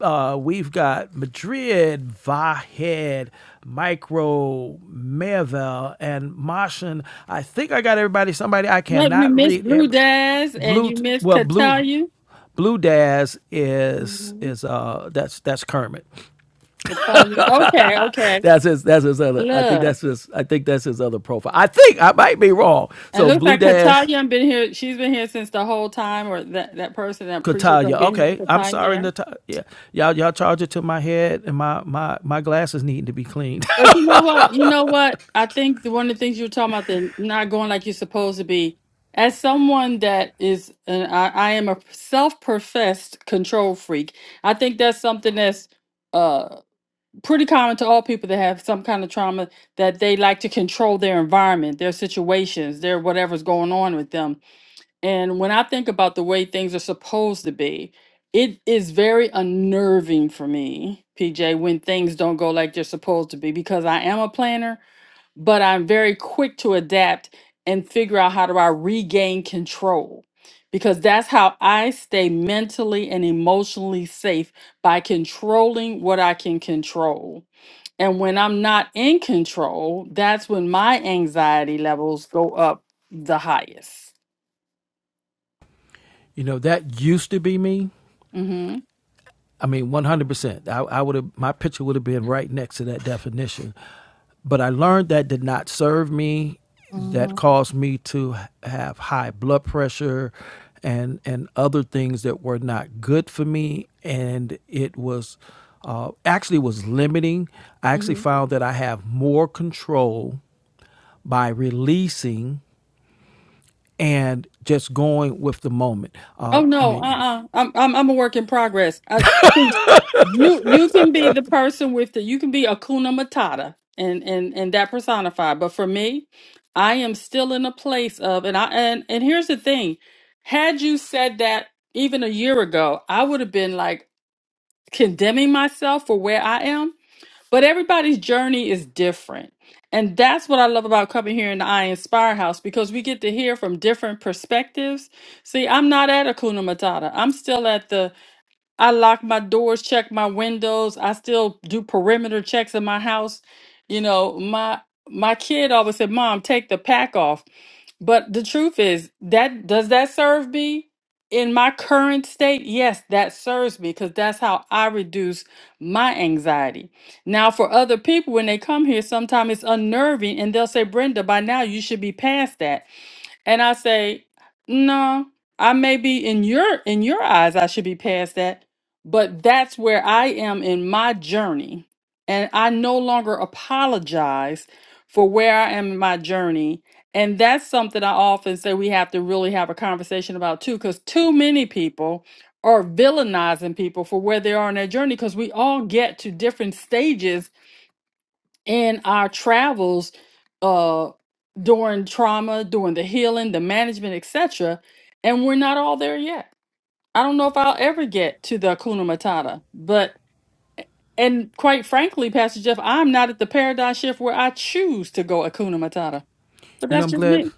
Speaker 2: Uh, we've got Madrid, Vahed, Micro, Mervel, and Martian. I think I got everybody. Somebody I
Speaker 1: what you
Speaker 2: cannot
Speaker 1: miss
Speaker 2: read.
Speaker 1: Blue
Speaker 2: Every,
Speaker 1: Daz and
Speaker 2: Blue,
Speaker 1: you miss
Speaker 2: well, Blue,
Speaker 1: Katalia.
Speaker 2: Blue Daz is
Speaker 1: Mhm.
Speaker 2: is uh that's that's Kermit.
Speaker 1: Katalia. Okay, okay.
Speaker 2: That's his. That's his other. I think
Speaker 1: Look,
Speaker 2: that's his. I think that's his other profile. I think I might be wrong.
Speaker 1: it
Speaker 2: So
Speaker 1: looks
Speaker 2: Blue
Speaker 1: like
Speaker 2: Daz
Speaker 1: Katalia been here. She's been here since the whole time, or that that person. I appreciate them
Speaker 2: Kataya.
Speaker 1: being
Speaker 2: Okay,
Speaker 1: here,
Speaker 2: I'm
Speaker 1: Katalia.
Speaker 2: sorry,
Speaker 1: Yeah.
Speaker 2: Natalia. Yeah, y'all y'all charge it to my head and my my my glasses needing to be cleaned.
Speaker 1: But you know what? You know what? I think the, one of the things you were talking about, the not going like you're supposed to be. As someone that is, and I, I am a self-professed control freak. I think that's something that's uh pretty common to all people that have some kind of trauma that they like to control their environment, their situations, their whatever's going on with them And when I think about the way things are supposed to be, it is very unnerving for me, PJ, when things don't go like they're supposed to be, because I am a planner, but I'm very quick to adapt and figure out how do I regain control. Because that's how I stay mentally and emotionally safe by controlling what I can control. And when I'm not in control, that's when my anxiety levels go up the highest.
Speaker 2: you know that used to be me.
Speaker 1: Mm-hmm.
Speaker 2: I mean, 100%. I, I would have, my picture would have been right next to that definition. But I learned that did not serve me. That
Speaker 1: hmm
Speaker 2: caused me to have high blood pressure and, and other things that were not good for me. And it was uh, actually was limiting. I actually
Speaker 1: hmm
Speaker 2: found that I have more control by releasing and just going with the moment.
Speaker 1: Oh
Speaker 2: Uh, I
Speaker 1: no,
Speaker 2: mean,
Speaker 1: uh-uh. I'm I'm I'm a work in progress. I, you you can be the person with the you can be Akuna Matata and and and that personified. But for me, I am still in a place of and I and and here's the thing. Had you said that even a year ago, I would have been like condemning myself for where I am. But everybody's journey is different. And that's what I love about coming here in the I Inspire House because we get to hear from different perspectives. See, I'm not at Akuna Matata. I'm still at the, I lock my doors, check my windows. I still do perimeter checks in my house. You know, my, my kid always said, Mom, take the pack off. But the truth is that does that serve me in my current state? Yes, that serves me because that's how I reduce my anxiety. Now, for other people, when they come here, sometimes it's unnerving and they'll say, Brenda, by now you should be past that. And I say, no, I may be in your in your eyes, I should be past that, but that's where I am in my journey. And I no longer apologize for where I am in my journey. And that's something I often say we have to really have a conversation about too, because too many people are villainizing people for where they are in their journey, because we all get to different stages in our travels uh during trauma during the healing the management etc and we're not all there yet i don't know if i'll ever get to the akuna matata but and quite frankly pastor jeff i'm not at the paradigm shift where i choose to go akuna matata but
Speaker 2: You know,
Speaker 1: that's
Speaker 2: I'm
Speaker 1: just
Speaker 2: glad.
Speaker 1: me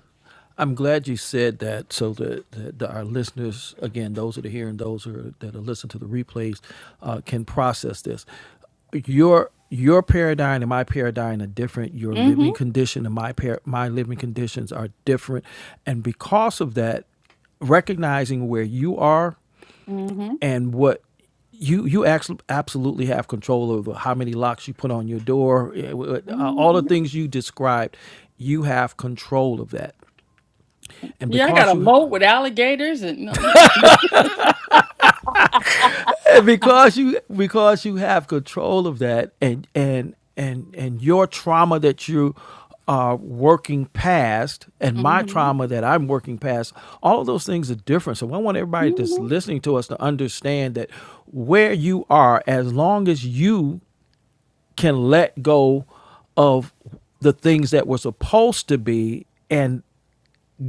Speaker 2: I'm glad you said that, so that, that our listeners, again, those that are here and those who are, that are listening to the replays, uh, can process this. Your your paradigm and my paradigm are different. Your living
Speaker 1: mm-hmm
Speaker 2: condition and my par- my living conditions are different, and because of that, recognizing where you are
Speaker 1: mm-hmm
Speaker 2: and what you you actually absolutely have control over how many locks you put on your door eh, uh, all the
Speaker 1: mm-hmm
Speaker 2: things you described you have control of that and
Speaker 1: yeah i got
Speaker 2: because
Speaker 1: a
Speaker 2: you
Speaker 1: moat with alligators and no, yeah.
Speaker 2: and because you because you have control of that and and and and your trauma that you are working past and my
Speaker 1: mm-hmm
Speaker 2: trauma that I'm working past, all of those things are different. So I want everybody that's
Speaker 1: mm-hmm
Speaker 2: listening to us to understand that where you are, as long as you can let go of the things that were supposed to be and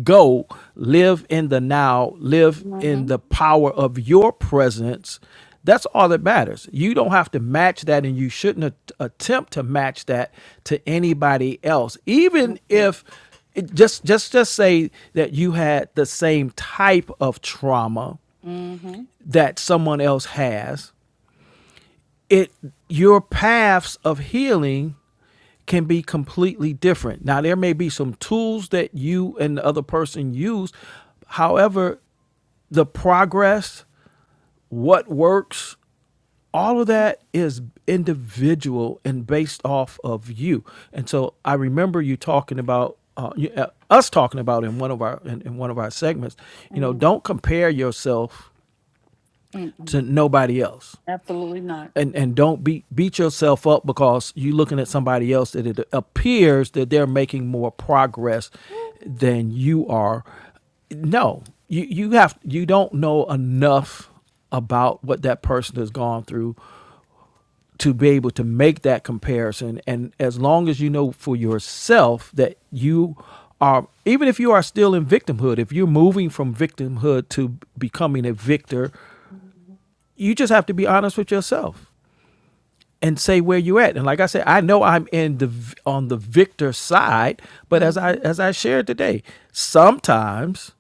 Speaker 2: go live in the now, live in
Speaker 1: mm-hmm
Speaker 2: the power of your presence. That's all that matters. You don't have to match that, and you shouldn't at- attempt to match that to anybody else. Even
Speaker 1: mm-hmm
Speaker 2: if it just just just say that you had the same type of trauma
Speaker 1: mm-hmm
Speaker 2: that someone else has, it your paths of healing can be completely different. Now there may be some tools that you and the other person use. However, the progress, what works, all of that is individual and based off of you. And so I remember you talking about uh, you- uh, us talking about in one of our in, in one of our segments. You know,
Speaker 1: mm-hmm
Speaker 2: don't compare yourself
Speaker 1: Mm-hmm.
Speaker 2: to nobody else
Speaker 1: absolutely not
Speaker 2: and and don't beat beat yourself up because you're looking at somebody else that it appears that they're making more progress than you are. No, you you have you don't know enough about what that person has gone through to be able to make that comparison. And as long as you know for yourself that you are, even if you are still in victimhood, if you're moving from victimhood to becoming a victor, you just have to be honest with yourself and say where you at. And like I said, I know I'm in the on the victor side, but as
Speaker 1: Mm-hmm.
Speaker 2: I as I shared today, sometimes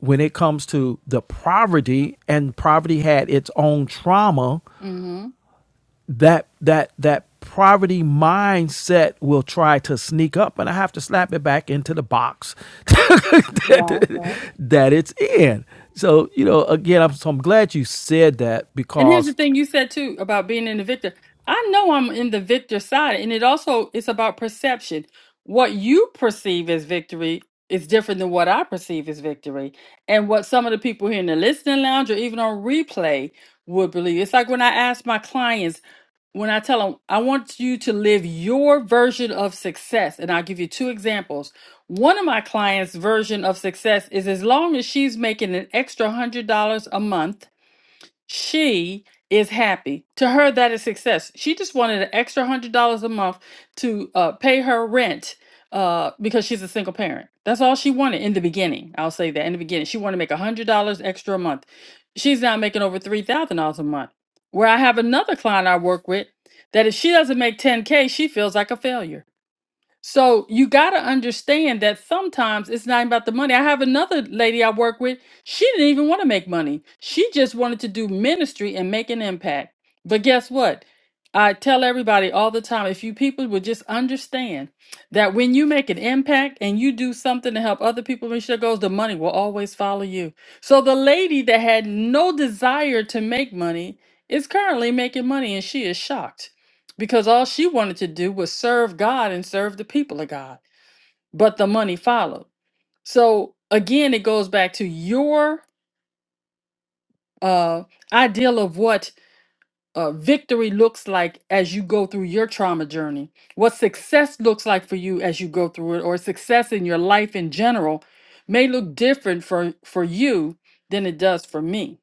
Speaker 2: when it comes to the poverty and poverty had its own trauma,
Speaker 1: Mm-hmm.
Speaker 2: that that that poverty mindset will try to sneak up and I have to slap it back into the box
Speaker 1: Right,
Speaker 2: that
Speaker 1: right.
Speaker 2: that it's in. So, you know, again, I'm so I'm glad you said that
Speaker 1: And here's the
Speaker 2: because
Speaker 1: thing you said too about being in the victor. I know I'm in the victor side, and it also it's about perception. What you perceive as victory is different than what I perceive as victory, and what some of the people here in the listening lounge or even on replay would believe. It's like when I ask my clients, when I tell them, I want you to live your version of success. And I'll give you two examples. One of my clients' version of success is as long as she's making an extra $100 a month she is happy. To her, that is success. She just wanted an extra hundred dollars a month to uh, pay her rent uh, because she's a single parent. That's all she wanted in the beginning. I'll say that in the beginning, she wanted to make a hundred dollars extra a month. She's now making over three thousand dollars a month. Where I have another client I work with that if she doesn't make ten k, she feels like a failure so you got to understand that sometimes it's not about the money. I have another lady I work with. She didn't even want to make money. She just wanted to do ministry and make an impact. But guess what? I tell everybody all the time if you people would just understand that when you make an impact and you do something to help other people reach their goals, the money will always follow you. So the lady that had no desire to make money is currently making money and she is shocked because all she wanted to do was serve God and serve the people of God. But the money followed. So again, it goes back to your uh, ideal of what uh, victory looks like as you go through your trauma journey, what success looks like for you as you go through it, or success in your life in general may look different for, for you than it does for me.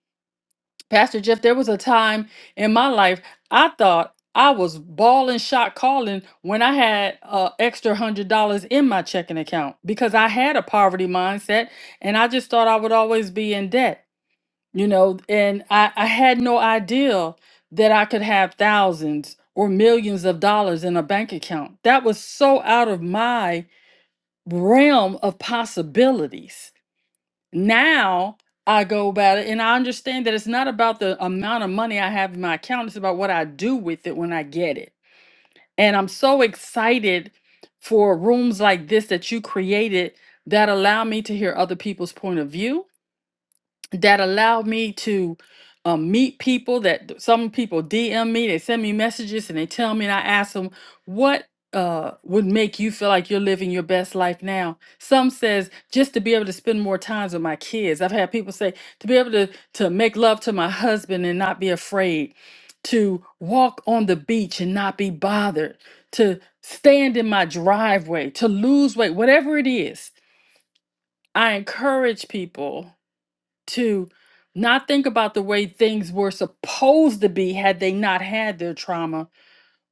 Speaker 1: Pastor Jeff, there was a time in my life I thought I was balling shot calling when I had uh, extra hundred dollars in my checking account because I had a poverty mindset and I just thought I would always be in debt, you know, and I, I had no idea that I could have thousands or millions of dollars in a bank account. That was so out of my realm of possibilities now I go about it and I understand that it's not about the amount of money I have in my account, it's about what I do with it when I get it. And I'm so excited for rooms like this that you created that allow me to hear other people's point of view that allow me to um, meet people that th- some people DM me, they send me messages and they tell me, and I ask them, what uh, would make you feel like you're living your best life now? Some says just to be able to spend more times with my kids. I've had people say to be able to to make love to my husband and not be afraid, to walk on the beach and not be bothered, to stand in my driveway, to lose weight, whatever it is. I encourage people to not think about the way things were supposed to be had they not had their trauma,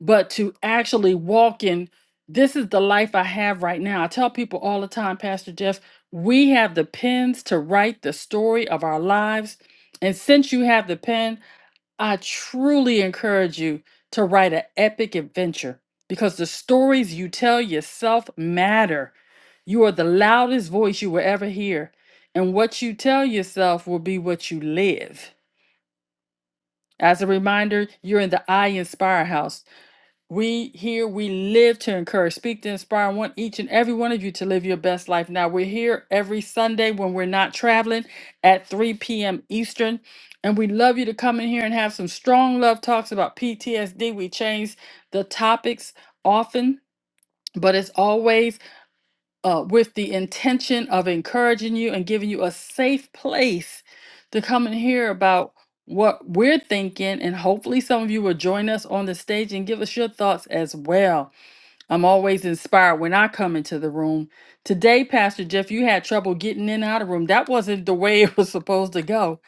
Speaker 1: but to actually walk in this is the life I have right now. I tell people all the time, Pastor Jeff, we have the pens to write the story of our lives. And since you have the pen, I truly encourage you to write an epic adventure because the stories you tell yourself matter. You are the loudest voice you will ever hear, and what you tell yourself will be what you live. As a reminder, you're in the I Inspire House. We here, we live to encourage, speak to inspire. I want each and every one of you to live your best life. Now, we're here every Sunday when we're not traveling at 3 p.m. Eastern. And we love you to come in here and have some strong love talks about PTSD. We change the topics often, but it's always uh, with the intention of encouraging you and giving you a safe place to come and hear about what we're thinking. And hopefully, some of you will join us on the stage and give us your thoughts as well. I'm always inspired when I come into the room. Today, Pastor Jeff, you had trouble getting in and out of the room. That wasn't the way it was supposed to go.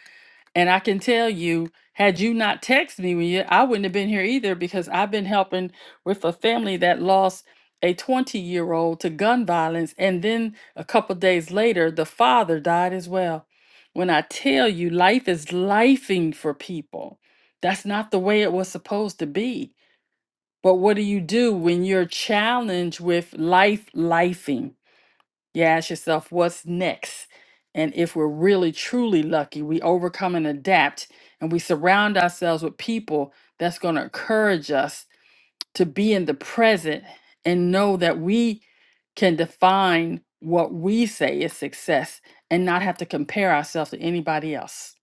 Speaker 1: And I can tell you, had you not texted me, when you, I wouldn't have been here either because I've been helping with a family that lost a 20 year old to gun violence. And then a couple days later, the father died as well. When I tell you, life is lifing for people, that's not the way it was supposed to be. But what do you do when you're challenged with life lifing? You ask yourself, what's next? And if we're really, truly lucky, we overcome and adapt, and we surround ourselves with people that's going to encourage us to be in the present and know that we can define what we say is success and not have to compare ourselves to anybody else.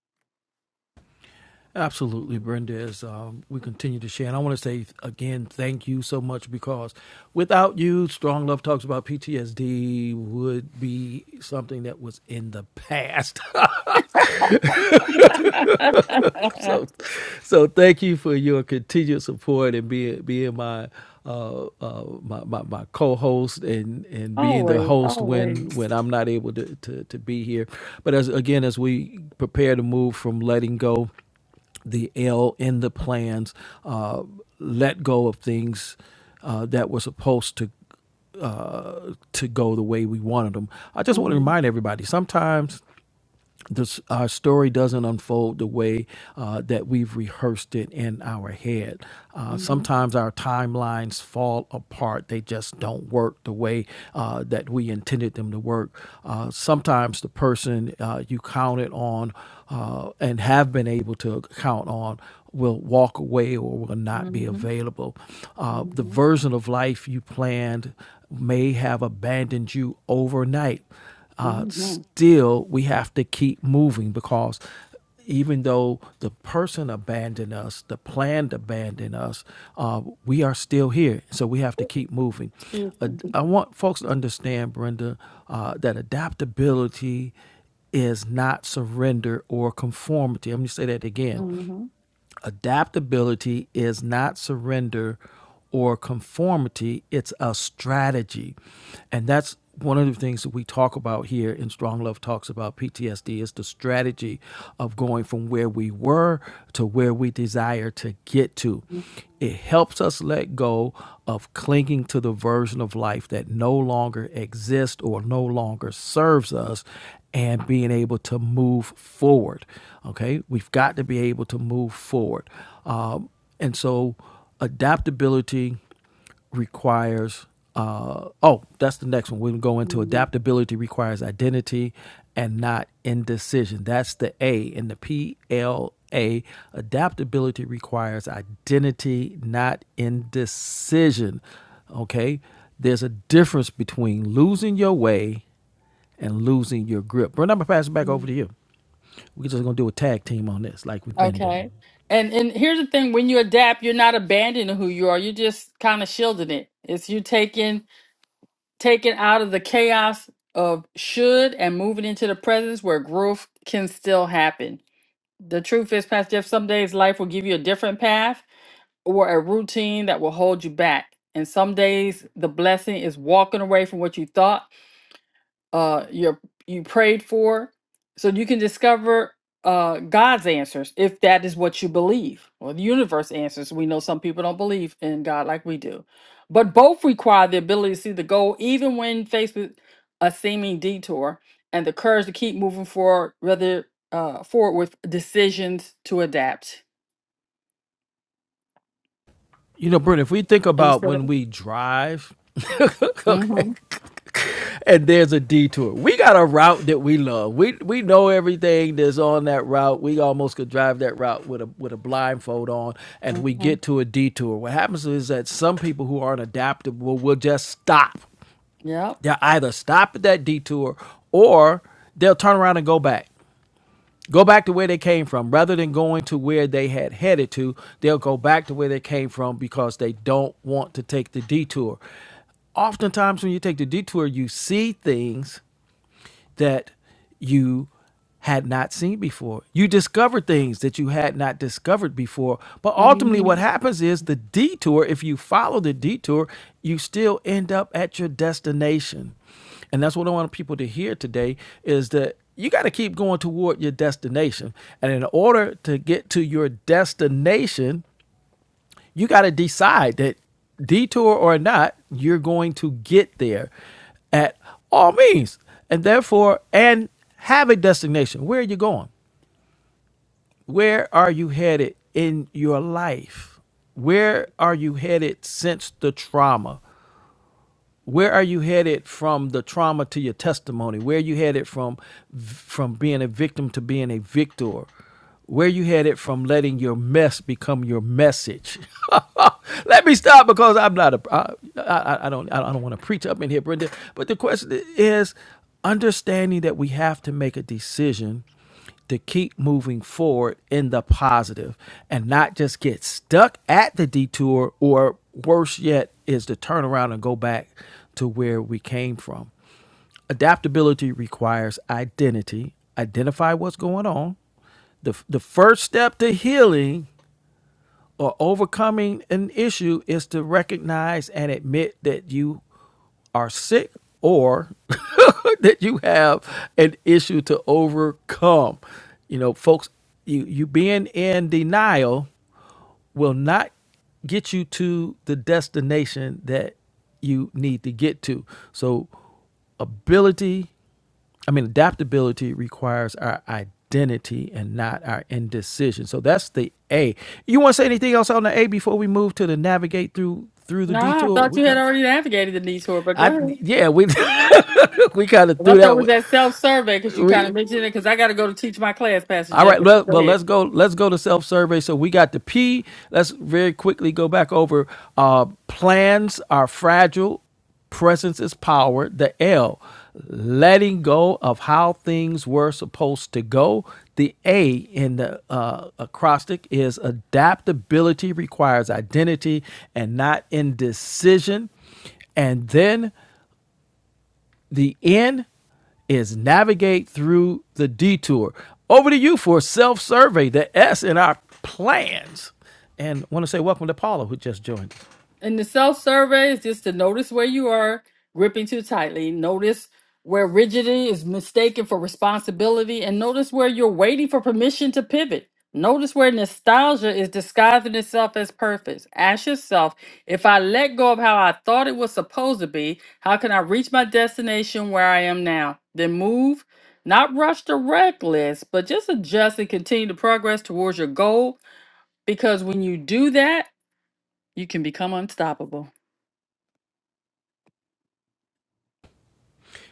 Speaker 2: Absolutely, Brenda. As um, we continue to share, and I want to say again, thank you so much because without you, Strong Love Talks about PTSD would be something that was in the past. so, so thank you for your continued support and being being my uh, uh, my, my, my co-host and, and being the
Speaker 1: always,
Speaker 2: host when
Speaker 1: always.
Speaker 2: when I'm not able to, to, to be here. But as again, as we prepare to move from letting go the L in the plans, uh, let go of things uh, that were supposed to uh, to go the way we wanted them. I just want to
Speaker 1: Mhm,
Speaker 2: remind everybody sometimes this, our story doesn't unfold the way uh, that we've rehearsed it in our head. Uh,
Speaker 1: mhm,
Speaker 2: sometimes our timelines fall apart. They just don't work the way uh, that we intended them to work. Uh, sometimes the person uh, you counted on uh, and have been able to count on will walk away or will not be
Speaker 1: mhm,
Speaker 2: available. Uh, the
Speaker 1: mhm,
Speaker 2: version of life you planned may have abandoned you overnight. Uh, s-
Speaker 1: mhm.
Speaker 2: still we have to keep moving because even though the person abandoned us, the plan abandoned us, uh, we are still here. So we have to keep moving.
Speaker 1: Excuse
Speaker 2: Uh,
Speaker 1: me.
Speaker 2: I want folks to understand, Brenda, uh, that adaptability is not surrender or conformity. I'm going to say that again.
Speaker 1: Mhm,
Speaker 2: Adaptability is not surrender or conformity, it's a strategy. And that's one of the things that we talk about here in Strong Love Talks about PTSD is the strategy of going from where we were to where we desire to get to.
Speaker 1: mhm.
Speaker 2: It helps us let go of clinging to the version of life that no longer exists or no longer serves us and being able to move forward. Okay, we've got to be able to move forward. Um, and so adaptability requires uh, oh that's the next one we can go into
Speaker 1: Mhm.
Speaker 2: adaptability requires identity and not indecision that's the a in the p-l-a adaptability requires identity not indecision okay there's a difference between losing your way and losing your grip. Brent, I'm gonna pass it back over to you. We're just gonna do a tag team on this, like we've been doing.
Speaker 1: Okay. And and here's the thing: when you adapt, you're not abandoning who you are. You're just kind of shielding it. It's you taking taking out of the chaos of should and moving into the presence where growth can still happen. The truth is, Pastor Jeff, some days life will give you a different path or a routine that will hold you back. And some days the blessing is walking away from what you thought uh your you prayed for so you can discover uh god's answers if that is what you believe or the universe answers we know some people don't believe in god like we do but both require the ability to see the goal even when faced with a seeming detour and the courage to keep moving forward rather uh forward with decisions to adapt
Speaker 2: You know, Brent, if we think
Speaker 1: are you
Speaker 2: about
Speaker 1: still there
Speaker 2: when we drive, okay,
Speaker 1: mm-hmm
Speaker 2: and there's a detour. We got a route that we love. We we know everything that's on that route. We almost could drive that route with a with a blindfold on, and we
Speaker 1: mm-hmm
Speaker 2: get to a detour. What happens is that some people who aren't adaptable will just stop.
Speaker 1: yep
Speaker 2: They'll either stop at that detour or they'll turn around and go back. Go back to where they came from. Rather than going to where they had headed to, they'll go back to where they came from because they don't want to take the detour. Oftentimes, when you take the detour, you see things that you had not seen before. You discovered things that you had not discovered before. But ultimately,
Speaker 1: mm-hmm
Speaker 2: what happens is the detour, if you follow the detour, you still end up at your destination. And that's what I want people to hear today is that you got to keep going toward your destination. And in order to get to your destination, you got to decide that detour or not, you're going to get there at all means. And therefore, and have a destination. Where are you going? Where are you headed in your life? Where are you headed since the trauma? where are you headed from the trauma to your testimony where are you headed from from being a victim to being a victor where are you headed from letting your mess become your message let me stop because i'm not a i, I, I don't i don't want to preach up in here brenda but the question is understanding that we have to make a decision to keep moving forward in the positive and not just get stuck at the detour or worse yet is to turn around and go back to where we came from. Adaptability requires identity. Identify what's going on. The, the first step to healing or overcoming an issue is to recognize and admit that you are sick or that you have an issue to overcome. You know, folks, you you being in denial will not get you to the destination that you need to get to. So, ability, I mean, adaptability requires our identity and not our indecision. So that's the A. You want to say anything else on the A before we move to the navigate through through the
Speaker 1: no i
Speaker 2: detour?
Speaker 1: thought
Speaker 2: We
Speaker 1: you had
Speaker 2: kind of,
Speaker 1: already navigated the detour but go
Speaker 2: I
Speaker 1: ahead
Speaker 2: yeah, we we kind of
Speaker 1: Well, I
Speaker 2: threw
Speaker 1: thought it
Speaker 2: that.
Speaker 1: was
Speaker 2: one.
Speaker 1: that self survey because you kind
Speaker 2: We
Speaker 1: of mentioned it because I got to go to teach my class, Pastor
Speaker 2: All
Speaker 1: Jeff.
Speaker 2: right,
Speaker 1: But
Speaker 2: let,
Speaker 1: go
Speaker 2: well
Speaker 1: ahead.
Speaker 2: let's go let's go to self survey. So we got the P. Let's very quickly go back over uh, plans are fragile, presence is power. The L, letting go of how things were supposed to go. The A in the uh, acrostic is adaptability requires identity and not indecision. And then the end is navigate through the detour. Over to you for self survey, the S in our plans. And I want to say welcome to Paula, who just joined.
Speaker 1: And the self survey is just to notice where you are gripping too tightly, notice where rigidity is mistaken for responsibility, and notice where you're waiting for permission to pivot. Notice where nostalgia is disguising itself as purpose. Ask yourself if I let go of how I thought it was supposed to be, how can I reach my destination where I am now? Then move, not rush to reckless, but just adjust and continue to progress towards your goal because when you do that, you can become unstoppable.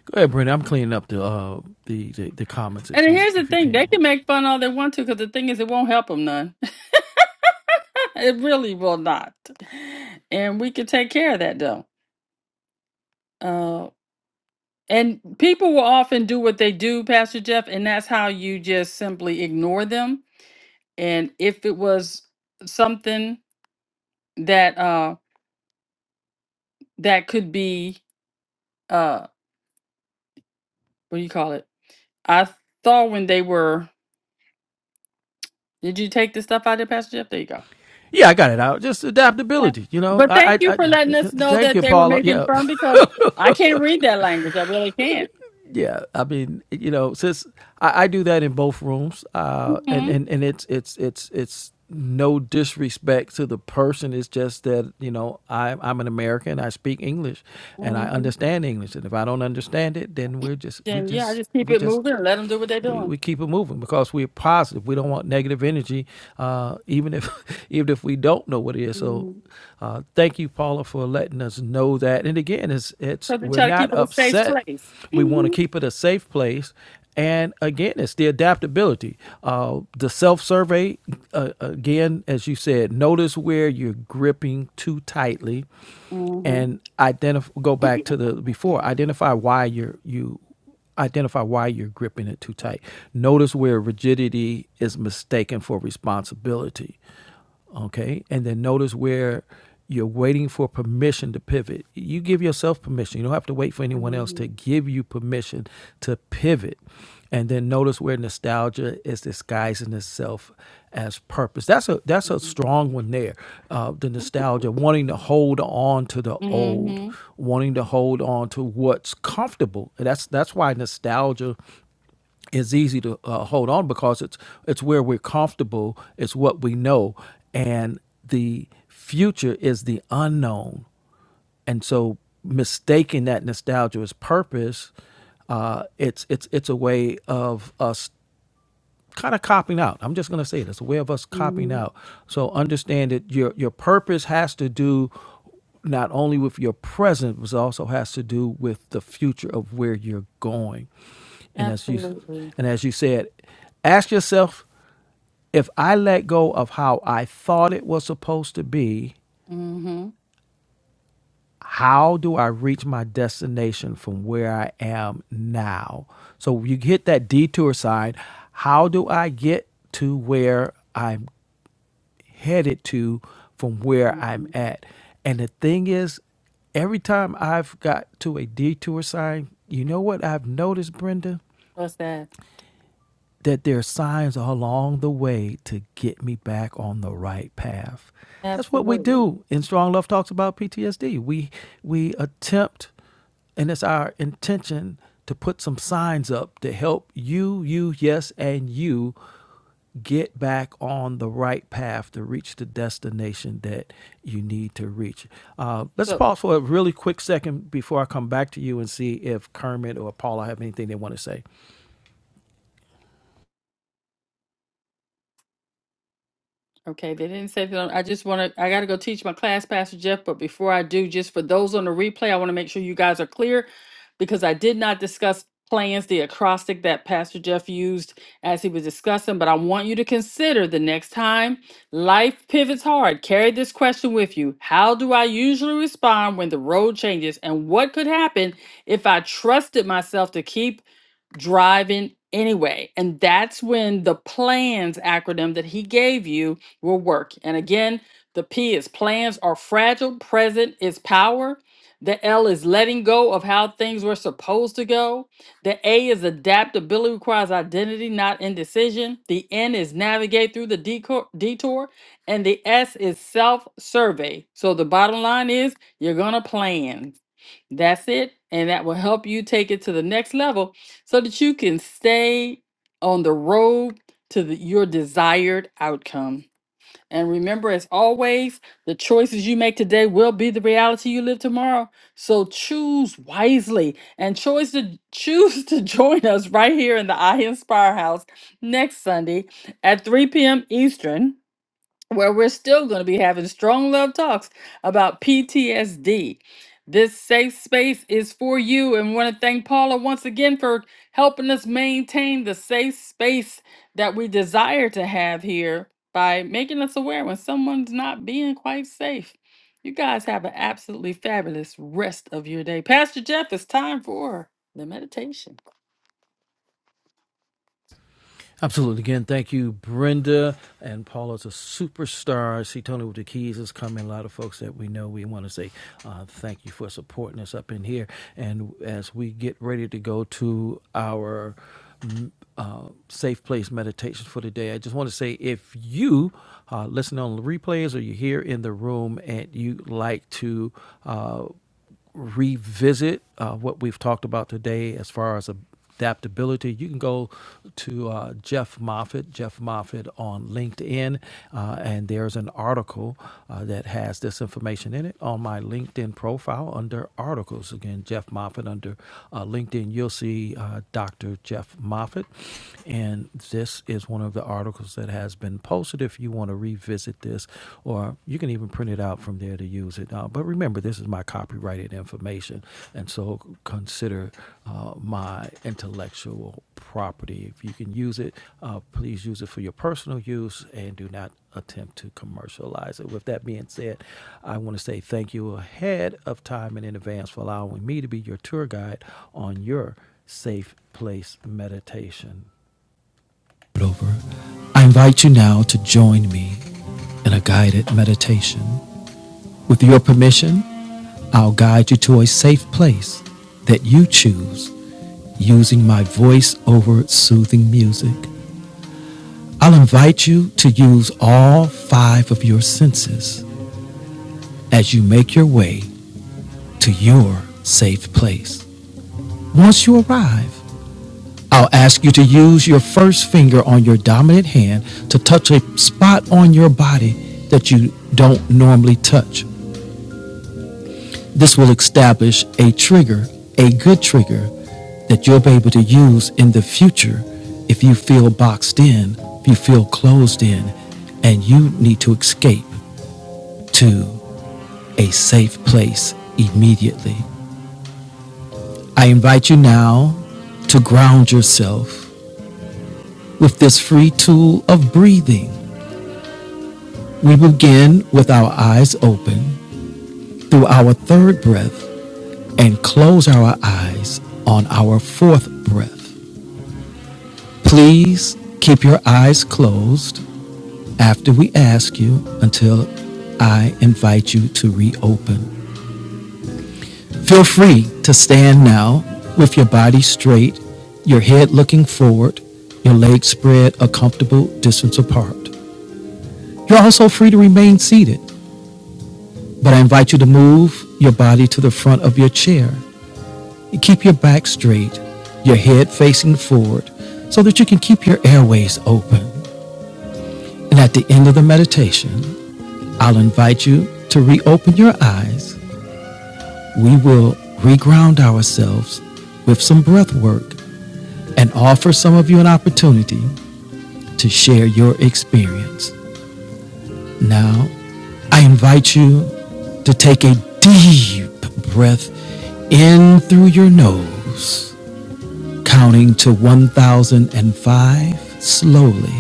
Speaker 2: Go ahead, Brenda. I'm cleaning up the, uh, the the the comments
Speaker 1: And
Speaker 2: if you
Speaker 1: here's the
Speaker 2: if you
Speaker 1: thing,
Speaker 2: can.
Speaker 1: they can make fun all they want to because the thing is, it won't help them none. it really will not. And we can take care of that though. Uh, and people will often do what they do, Pastor Jeff, and that's how you just simply ignore them. And if it was something that uh, that could be, uh, what do you call it? I thought when they were, did you take the stuff out there, Pastor Jeff? There you go.
Speaker 2: Yeah, I got it out. Just
Speaker 1: Okay.
Speaker 2: adaptability, you know.
Speaker 1: But
Speaker 2: I, I,
Speaker 1: thank you
Speaker 2: I
Speaker 1: for letting us know
Speaker 2: thank
Speaker 1: that
Speaker 2: you,
Speaker 1: they were
Speaker 2: Paula.
Speaker 1: making
Speaker 2: Yeah,
Speaker 1: fun because I can't read that.
Speaker 2: yeah i mean you know since i, I do that in both rooms uh and,
Speaker 1: hmm
Speaker 2: and and it's it's it's it's no disrespect to the person it's just that you know I, i'm an american i speak english and i
Speaker 1: hmm
Speaker 2: understand english and if i don't understand it then we're just we
Speaker 1: Then yeah, I
Speaker 2: just
Speaker 1: just keep
Speaker 2: we
Speaker 1: it
Speaker 2: just
Speaker 1: moving and let them do what they're
Speaker 2: we,
Speaker 1: doing.
Speaker 2: we keep it moving because we're positive. We don't want negative energy, uh, even if even if we don't know what it is. So,
Speaker 1: Mm-hmm.
Speaker 2: uh, thank you, Paula, for letting us know that. And again, it's it's
Speaker 1: Cause we
Speaker 2: we're
Speaker 1: try to
Speaker 2: not
Speaker 1: keep it a safe
Speaker 2: upset.
Speaker 1: place.
Speaker 2: We want to
Speaker 1: hmm
Speaker 2: keep it a safe place. And again, it's the adaptability. Uh, the self survey, uh, again, as you said, notice where you're gripping too tightly
Speaker 1: hmm
Speaker 2: and identify go back to the before identify why you're you identify why you're gripping it too tight. Notice where rigidity is mistaken for responsibility. Okay. And then notice where you're waiting for permission to pivot. You give yourself permission. You don't have to wait for anyone else
Speaker 1: hmm
Speaker 2: to give you permission to pivot. And then notice where nostalgia is disguising itself as purpose. That's a that's a strong one there. Uh, the nostalgia, wanting to hold on to the old,
Speaker 1: hmm
Speaker 2: wanting to hold on to what's comfortable. And that's that's why nostalgia is easy to uh, hold on because it's it's where we're comfortable. It's what we know, and the future is the unknown. And so, mistaking that nostalgia as purpose, uh, it's it's it's a way of us kind of copying out. I'm just going to say it. It's a way of us copying
Speaker 1: hmm
Speaker 2: out. So understand that your your purpose has to do not only with your present, but also has to do with the future of where you're going. And as you
Speaker 1: Absolutely.
Speaker 2: and as you said, ask yourself if I let go of how I thought it was supposed to be,
Speaker 1: hmm
Speaker 2: how do I reach my destination from where I am now? So you hit that detour sign. How do I get to where I'm headed to from where I'm
Speaker 1: hmm
Speaker 2: at. And the thing is, every time I've got to a detour sign, you know what I've noticed, Brenda?
Speaker 1: What's that?
Speaker 2: That there are signs along the way to get me back on the right path. That's what we
Speaker 1: Absolutely.
Speaker 2: do in Strong Love Talks about PTSD. We we attempt and it's our intention to put some signs up to help you, you, yes, and you get back on the right path to reach the destination that you need to reach. Uh, let's
Speaker 1: So
Speaker 2: pause for a really quick second before I come back to you and see if Kermit or Paula have anything they want to say.
Speaker 1: Okay, they didn't say that. I just want to, I got to go teach my class, Pastor Jeff. But before I do, just for those on the replay, I want to make sure you guys are clear because I did not discuss plans, the acrostic that Pastor Jeff used as he was discussing. But I want you to consider the next time life pivots hard, carry this question with you How do I usually respond when the road changes? And what could happen if I trusted myself to keep driving anyway. And that's when the plans acronym that he gave you will work. And again, the P is plans are fragile, present is power. The L is letting go of how things were supposed to go. The A is adaptability requires identity, not indecision. The N is navigate through the deco- detour. And the S is self survey. So the bottom line is you're going to plan. That's it. And that will help you take it to the next level so that you can stay on the road to the, your desired outcome. And remember, as always, the choices you make today will be the reality you live tomorrow. So choose wisely and choose to choose to join us right here in the I Inspire House next Sunday at 3 p.m. Eastern where we're still going to be having strong love talks about PTSD. This safe space is for you, and want to thank Paula once again for helping us maintain the safe space that we desire to have here by making us aware when someone's not being quite safe. You guys have an absolutely fabulous rest of your day. Pastor Jeff, it's time for the meditation.
Speaker 2: Absolutely. Again, thank you, Brenda. And Paula's a superstar. See, Tony with the Keys is coming. A lot of folks that we know, we want to say uh, thank you for supporting us up in here. And as we get ready to go to our mm, uh, safe place meditations for today, I just want to say if you uh, listen on the replays or you're here in the room and you like to uh, revisit uh, what we've talked about today as far as adaptability, you can go to uh, Jeff Moffat, Jeff Moffat on LinkedIn, uh, and there's an article uh, that has this information in it on my LinkedIn profile under articles. Again, Jeff Moffat under uh, LinkedIn, you'll see uh, Dr. Jeff Moffat, and this is one of the articles that has been posted if you want to revisit this, or you can even print it out from there to use it. Uh, but remember, this is my copyrighted information, and so consider uh, my intellectual property. If you can use it, uh, please use it for your personal use and do not attempt to commercialize it. With that being said, I want to say thank you ahead of time and in advance for allowing me to be your tour guide on your safe place meditation. Over. I invite you now to join me in a guided meditation. With your permission, I'll guide you to a safe place that you choose using my voice over soothing music. I'll invite you to use all five of your senses as you make your way to your safe place. Once you arrive, I'll ask you to use your first finger on your dominant hand to touch a spot on your body that you don't normally touch. This will establish a trigger, a good trigger that you'll be able to use in the future if you feel boxed in, if you feel closed in, and you need to escape to a safe place immediately. I invite you now to ground yourself with this free tool of breathing. We begin with our eyes open through our third breath and close our eyes on our fourth breath. Please keep your eyes closed after we ask you until I invite you to reopen. Feel free to stand now with your body straight, your head looking forward, your legs spread a comfortable distance apart. You're also free to remain seated, but I invite you to move your body to the front of your chair. Keep your back straight, your head facing forward, so that you can keep your airways open. And at the end of the meditation, I'll invite you to reopen your eyes. We will reground ourselves with some breath work and offer some of you an opportunity to share your experience. Now, I invite you to take a deep breath in through your nose, counting to 1005 slowly,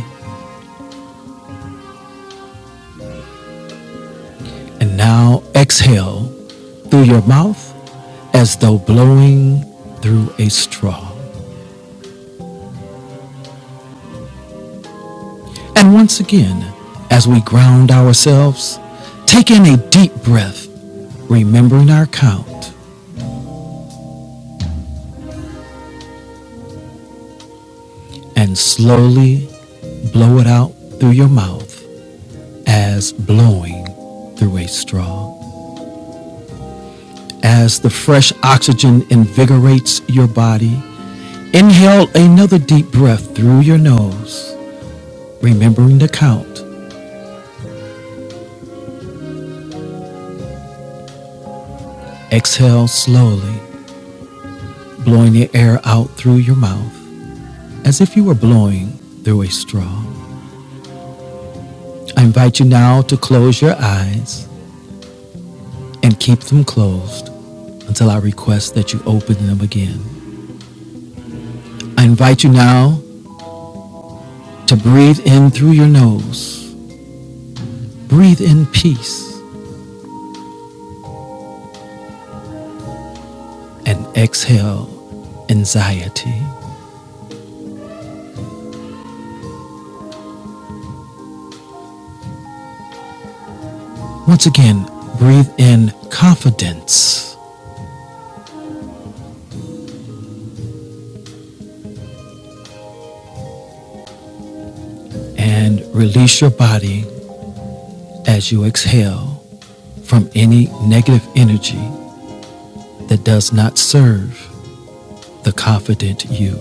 Speaker 2: and now exhale through your mouth as though blowing through a straw. And once again, as we ground ourselves, take in a deep breath, remembering our count, and slowly blow it out through your mouth as blowing through a straw. As the fresh oxygen invigorates your body, inhale another deep breath through your nose, remembering the count. Exhale slowly, blowing the air out through your mouth as if you were blowing through a straw. I invite you now to close your eyes and keep them closed until I request that you open them again. I invite you now to breathe in through your nose, breathe in peace, and exhale anxiety. Once again, breathe in confidence and release your body as you exhale from any negative energy that does not serve the confident you.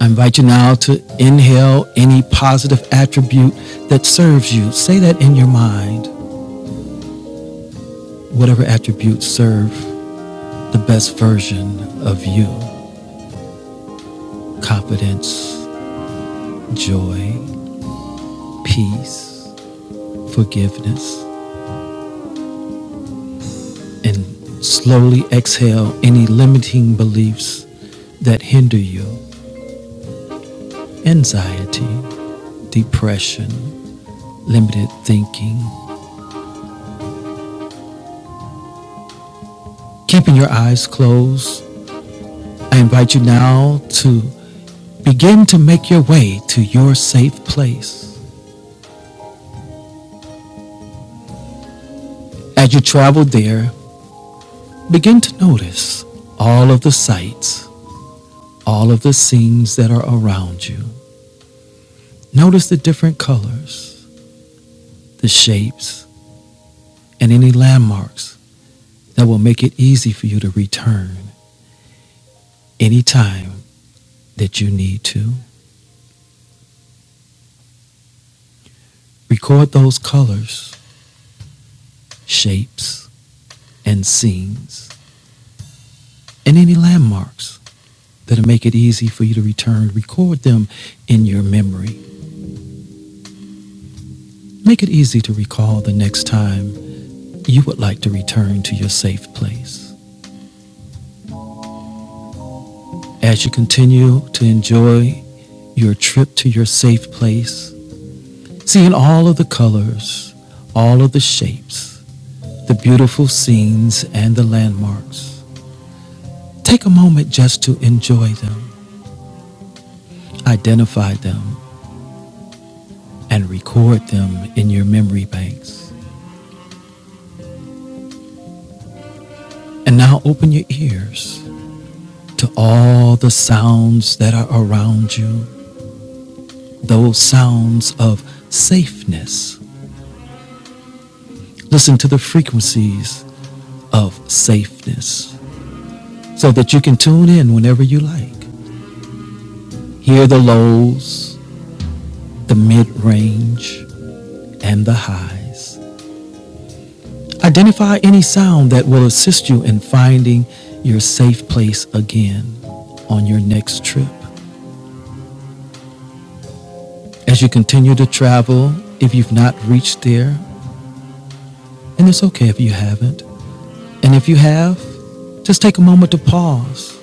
Speaker 2: I invite you now to inhale any positive attribute that serves you. Say that in your mind. Whatever attributes serve the best version of you confidence, joy, peace, forgiveness. And slowly exhale any limiting beliefs that hinder you anxiety, depression, limited thinking. Keeping your eyes closed, I invite you now to Begin to make your way to your safe place. As you travel there, begin to notice all of the sights, all of the scenes that are around you. Notice the different colors, the shapes, and any landmarks that will make it easy for you to return anytime that you need to. Record those colors, shapes, and scenes, and any landmarks that'll make it easy for you to return. Record them in your memory. Make it easy to recall the next time you would like to return to your safe place. As you continue to enjoy your trip to your safe place, seeing all of the colors, all of the shapes, the beautiful scenes, and the landmarks, take a moment just to enjoy them, identify them, and record them in your memory banks. And now open your ears to all the sounds that are around you those sounds of safeness. Listen to the frequencies of safeness so that you can tune in whenever you like. Hear the lows, the mid range, and the highs. Identify any sound that will assist you in finding your safe place again on your next trip. As you continue to travel, if you've not reached there, and it's okay if you haven't, and if you have, just take a moment to pause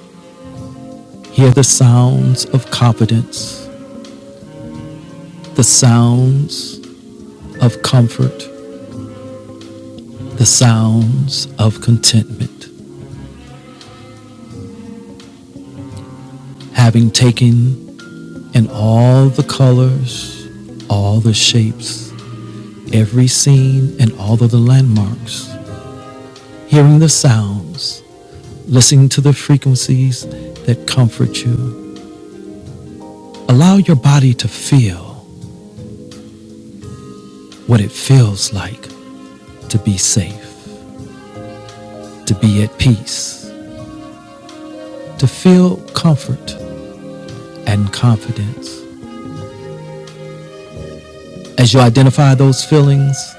Speaker 2: Hear the sounds of confidence, the sounds of comfort, the sounds of contentment. Having taken in all the colors, all the shapes, every scene, and all of the landmarks, hearing the sounds, listening to the frequencies that comfort you. Allow your body to feel what it feels like to be safe, to be at peace, to feel comfort and confidence. As you identify those feelings,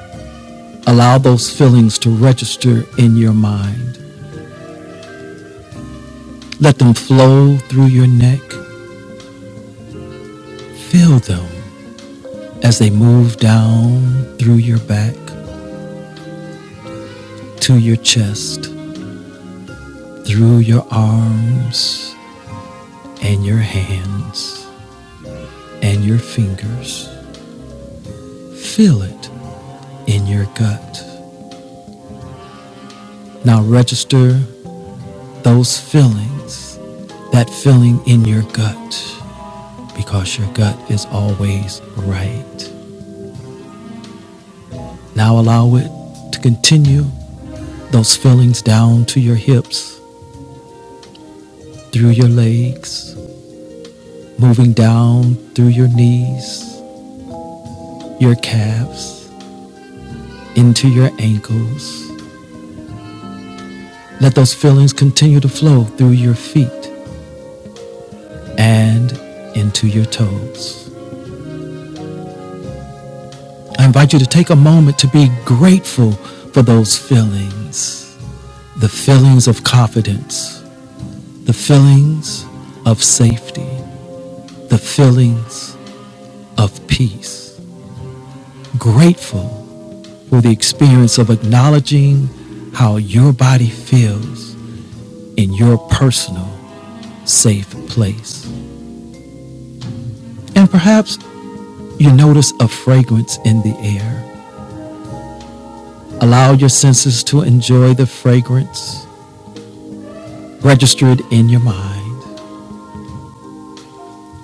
Speaker 2: allow those feelings to register in your mind. Let them flow through your neck. Feel them as they move down through your back, to your chest, through your arms, and your hands, and your fingers. Feel it in your gut. Now register those feelings, that feeling in your gut because your gut is always right. Now allow it to continue those feelings down to your hips, through your legs, moving down through your knees, your calves, into your ankles. Let those feelings continue to flow through your feet and into your toes. I invite you to take a moment to be grateful for those feelings the feelings of confidence the feelings of safety, the feelings of peace. Grateful for the experience of acknowledging how your body feels in your personal safe place. And perhaps you notice a fragrance in the air. Allow your senses to enjoy the fragrance. Register it in your mind.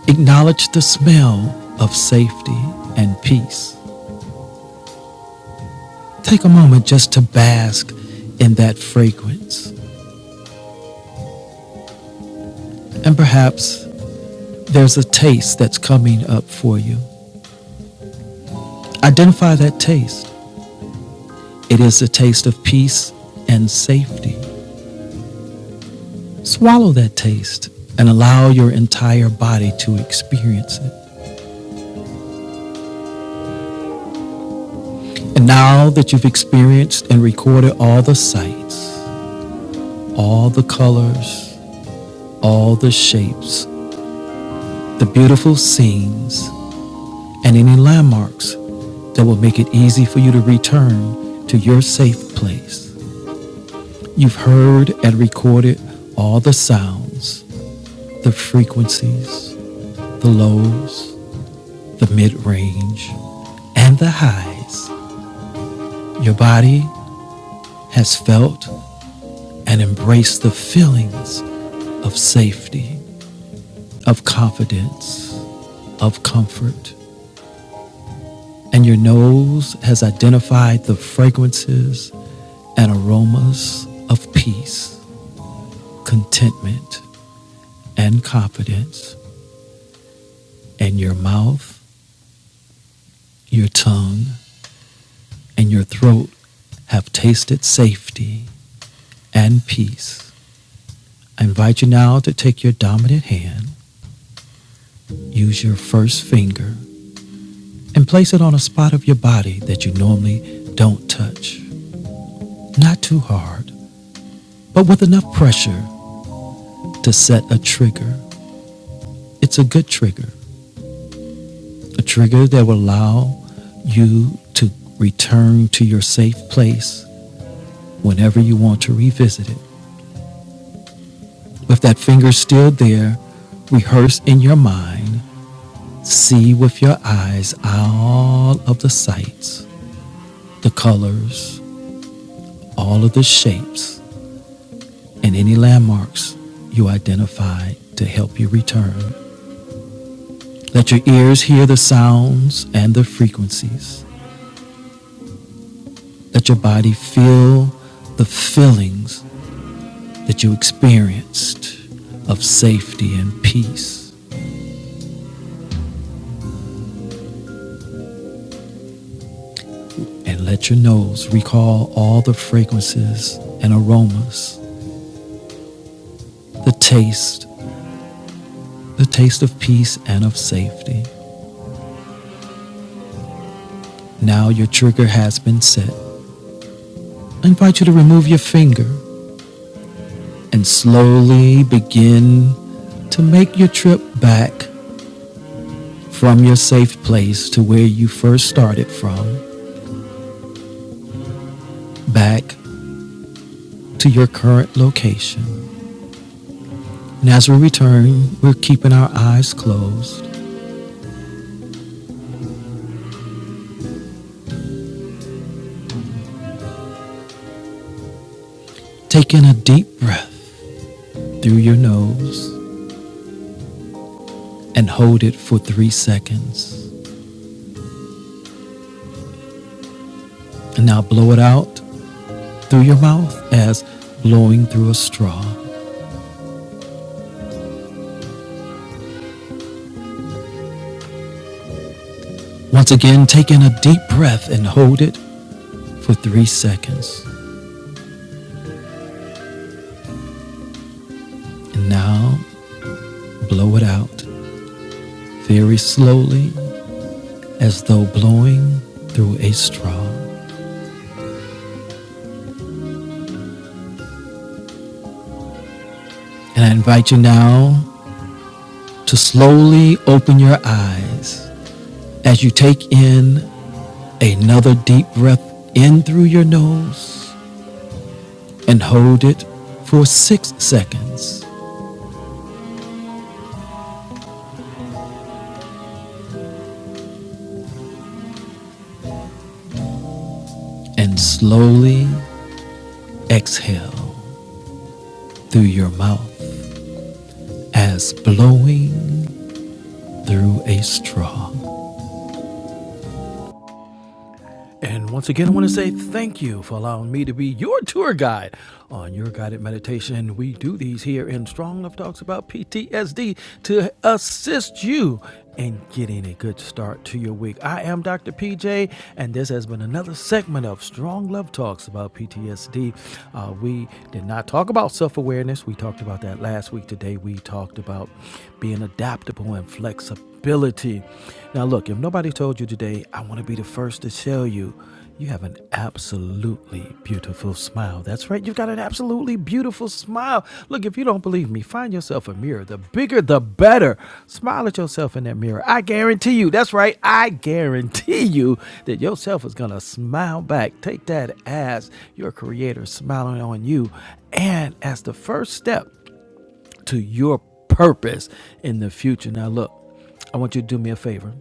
Speaker 2: Acknowledge the smell of safety and peace. Take a moment just to bask in that fragrance And perhaps there's a taste that's coming up for you. Identify that taste. It is a taste of peace and safety. Swallow that taste and allow your entire body to experience it. And now that you've experienced and recorded all the sights, all the colors, all the shapes, the beautiful scenes, and any landmarks that will make it easy for you to return to your safe place. You've heard and recorded all the sounds, the frequencies, the lows, the mid range, and the highs. Your body has felt and embraced the feelings of safety, of confidence, of comfort. And your nose has identified the fragrances and aromas of peace, contentment, and confidence. And your mouth, your tongue, and your throat have tasted safety and peace. I invite you now to take your dominant hand, use your first finger, and place it on a spot of your body that you normally don't touch. Not too hard, but with enough pressure to set a trigger. It's a good trigger, a trigger that will allow you to return to your safe place whenever you want to revisit it. With that finger still there, rehearse in your mind See with your eyes all of the sights, the colors, all of the shapes, and any landmarks you identify to help you return. Let your ears hear the sounds and the frequencies. Let your body feel the feelings that you experienced of safety and peace. And let your nose recall all the fragrances and aromas, the taste, the taste of peace and of safety. Now your trigger has been set. I invite you to remove your finger and slowly begin to make your trip back from your safe place to where you first started from, back to your current location. And as we return, we're keeping our eyes closed. Take in a deep breath through your nose and hold it for three seconds. And now blow it out through your mouth as blowing through a straw. Once again, take in a deep breath and hold it for three seconds. And now blow it out very slowly as though blowing through a straw. And I invite you now to slowly open your eyes as you take in another deep breath in through your nose and hold it for six seconds and slowly exhale through your mouth as blowing through a straw. And once again, I want to say thank you for allowing me to be your tour guide on your guided meditation. We do these here in Strong Love Talks about PTSD to assist you in getting a good start to your week. I am Dr. PJ, and this has been another segment of Strong Love Talks about PTSD. Uh, we did not talk about self awareness, we talked about that last week. Today, we talked about being adaptable and flexible ability. Now, look, if nobody told you today, I want to be the first to tell you, you have an absolutely beautiful smile. That's right, you've got an absolutely beautiful smile. Look, if you don't believe me, find yourself a mirror. The bigger, the better. Smile at yourself in that mirror. I guarantee you, that's right, I guarantee you that yourself is going to smile back. Take that as your creator smiling on you. And as the first step, to your purpose in the future. Now, look, I want you to do me a favor.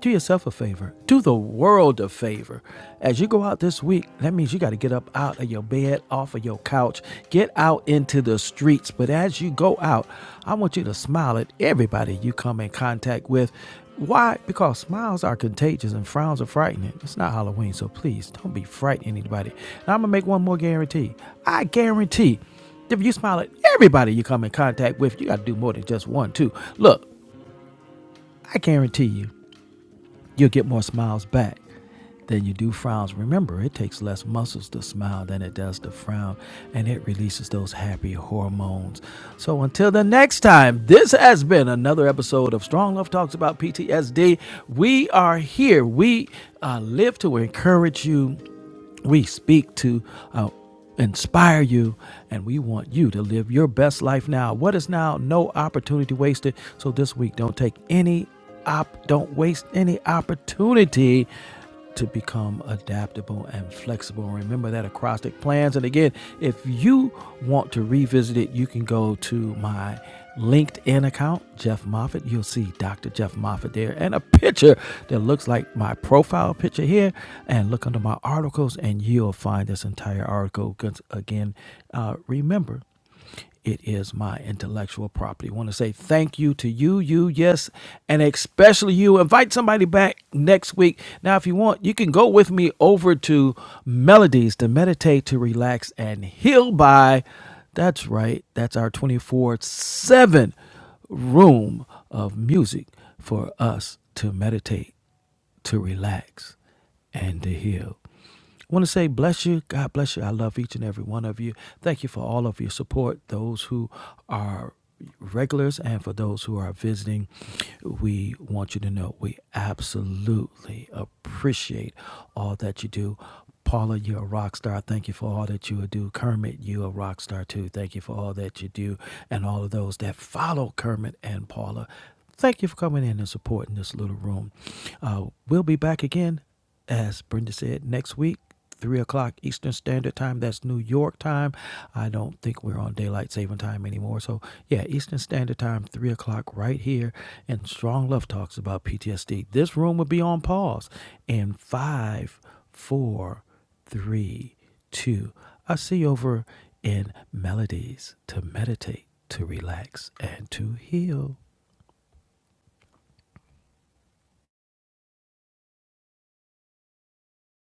Speaker 2: Do yourself a favor. Do the world a favor. As you go out this week, that means you got to get up out of your bed, off of your couch, get out into the streets. But as you go out, I want you to smile at everybody you come in contact with. Why? Because smiles are contagious and frowns are frightening. It's not Halloween, so please don't be frightening anybody. Now, I'm going to make one more guarantee. I guarantee. If you smile at everybody you come in contact with, you got to do more than just one, too. Look, I guarantee you, you'll get more smiles back than you do frowns. Remember, it takes less muscles to smile than it does to frown, and it releases those happy hormones. So until the next time, this has been another episode of Strong Love Talks about PTSD. We are here. We uh, live to encourage you we speak to uh, inspire you, and we want you to live your best life now. What is now? No opportunity wasted. So this week, don't take any op, don't waste any opportunity to become adaptable and flexible. Remember that acrostic plans. And again, if you want to revisit it, you can go to my LinkedIn account, Jeff Moffat. You'll see Dr. Jeff Moffat there and a picture that looks like my profile picture here. And look under my articles, and you'll find this entire article. Again, uh, remember, it is my intellectual property. I want to say thank you to you, you, yes, and especially you. Invite somebody back next week. Now, if you want, you can go with me over to Melodies to meditate, to relax, and heal by. That's right. That's our 24 7 room of music for us to meditate to relax and to heal. I want to say bless you. God bless you. I love each and every one of you. Thank you for all of your support. Those who are regulars and for those who are visiting, we want you to know we absolutely appreciate all that you do. Paula, you're a rock star. Thank you for all that you do. Kermit, you're a rock star too. Thank you for all that you do. And all of those that follow Kermit and Paula, Thank you for coming in and supporting this little room. Uh, we'll be back again, as Brenda said, next week, 3 o'clock Eastern Standard Time. That's New York time. I don't think we're on daylight saving time anymore. So, yeah, Eastern Standard Time, 3 o'clock, right here. And Strong Love Talks about PTSD. This room will be on pause in five, four, three, two. I see you over in melodies to meditate, to relax, and to heal.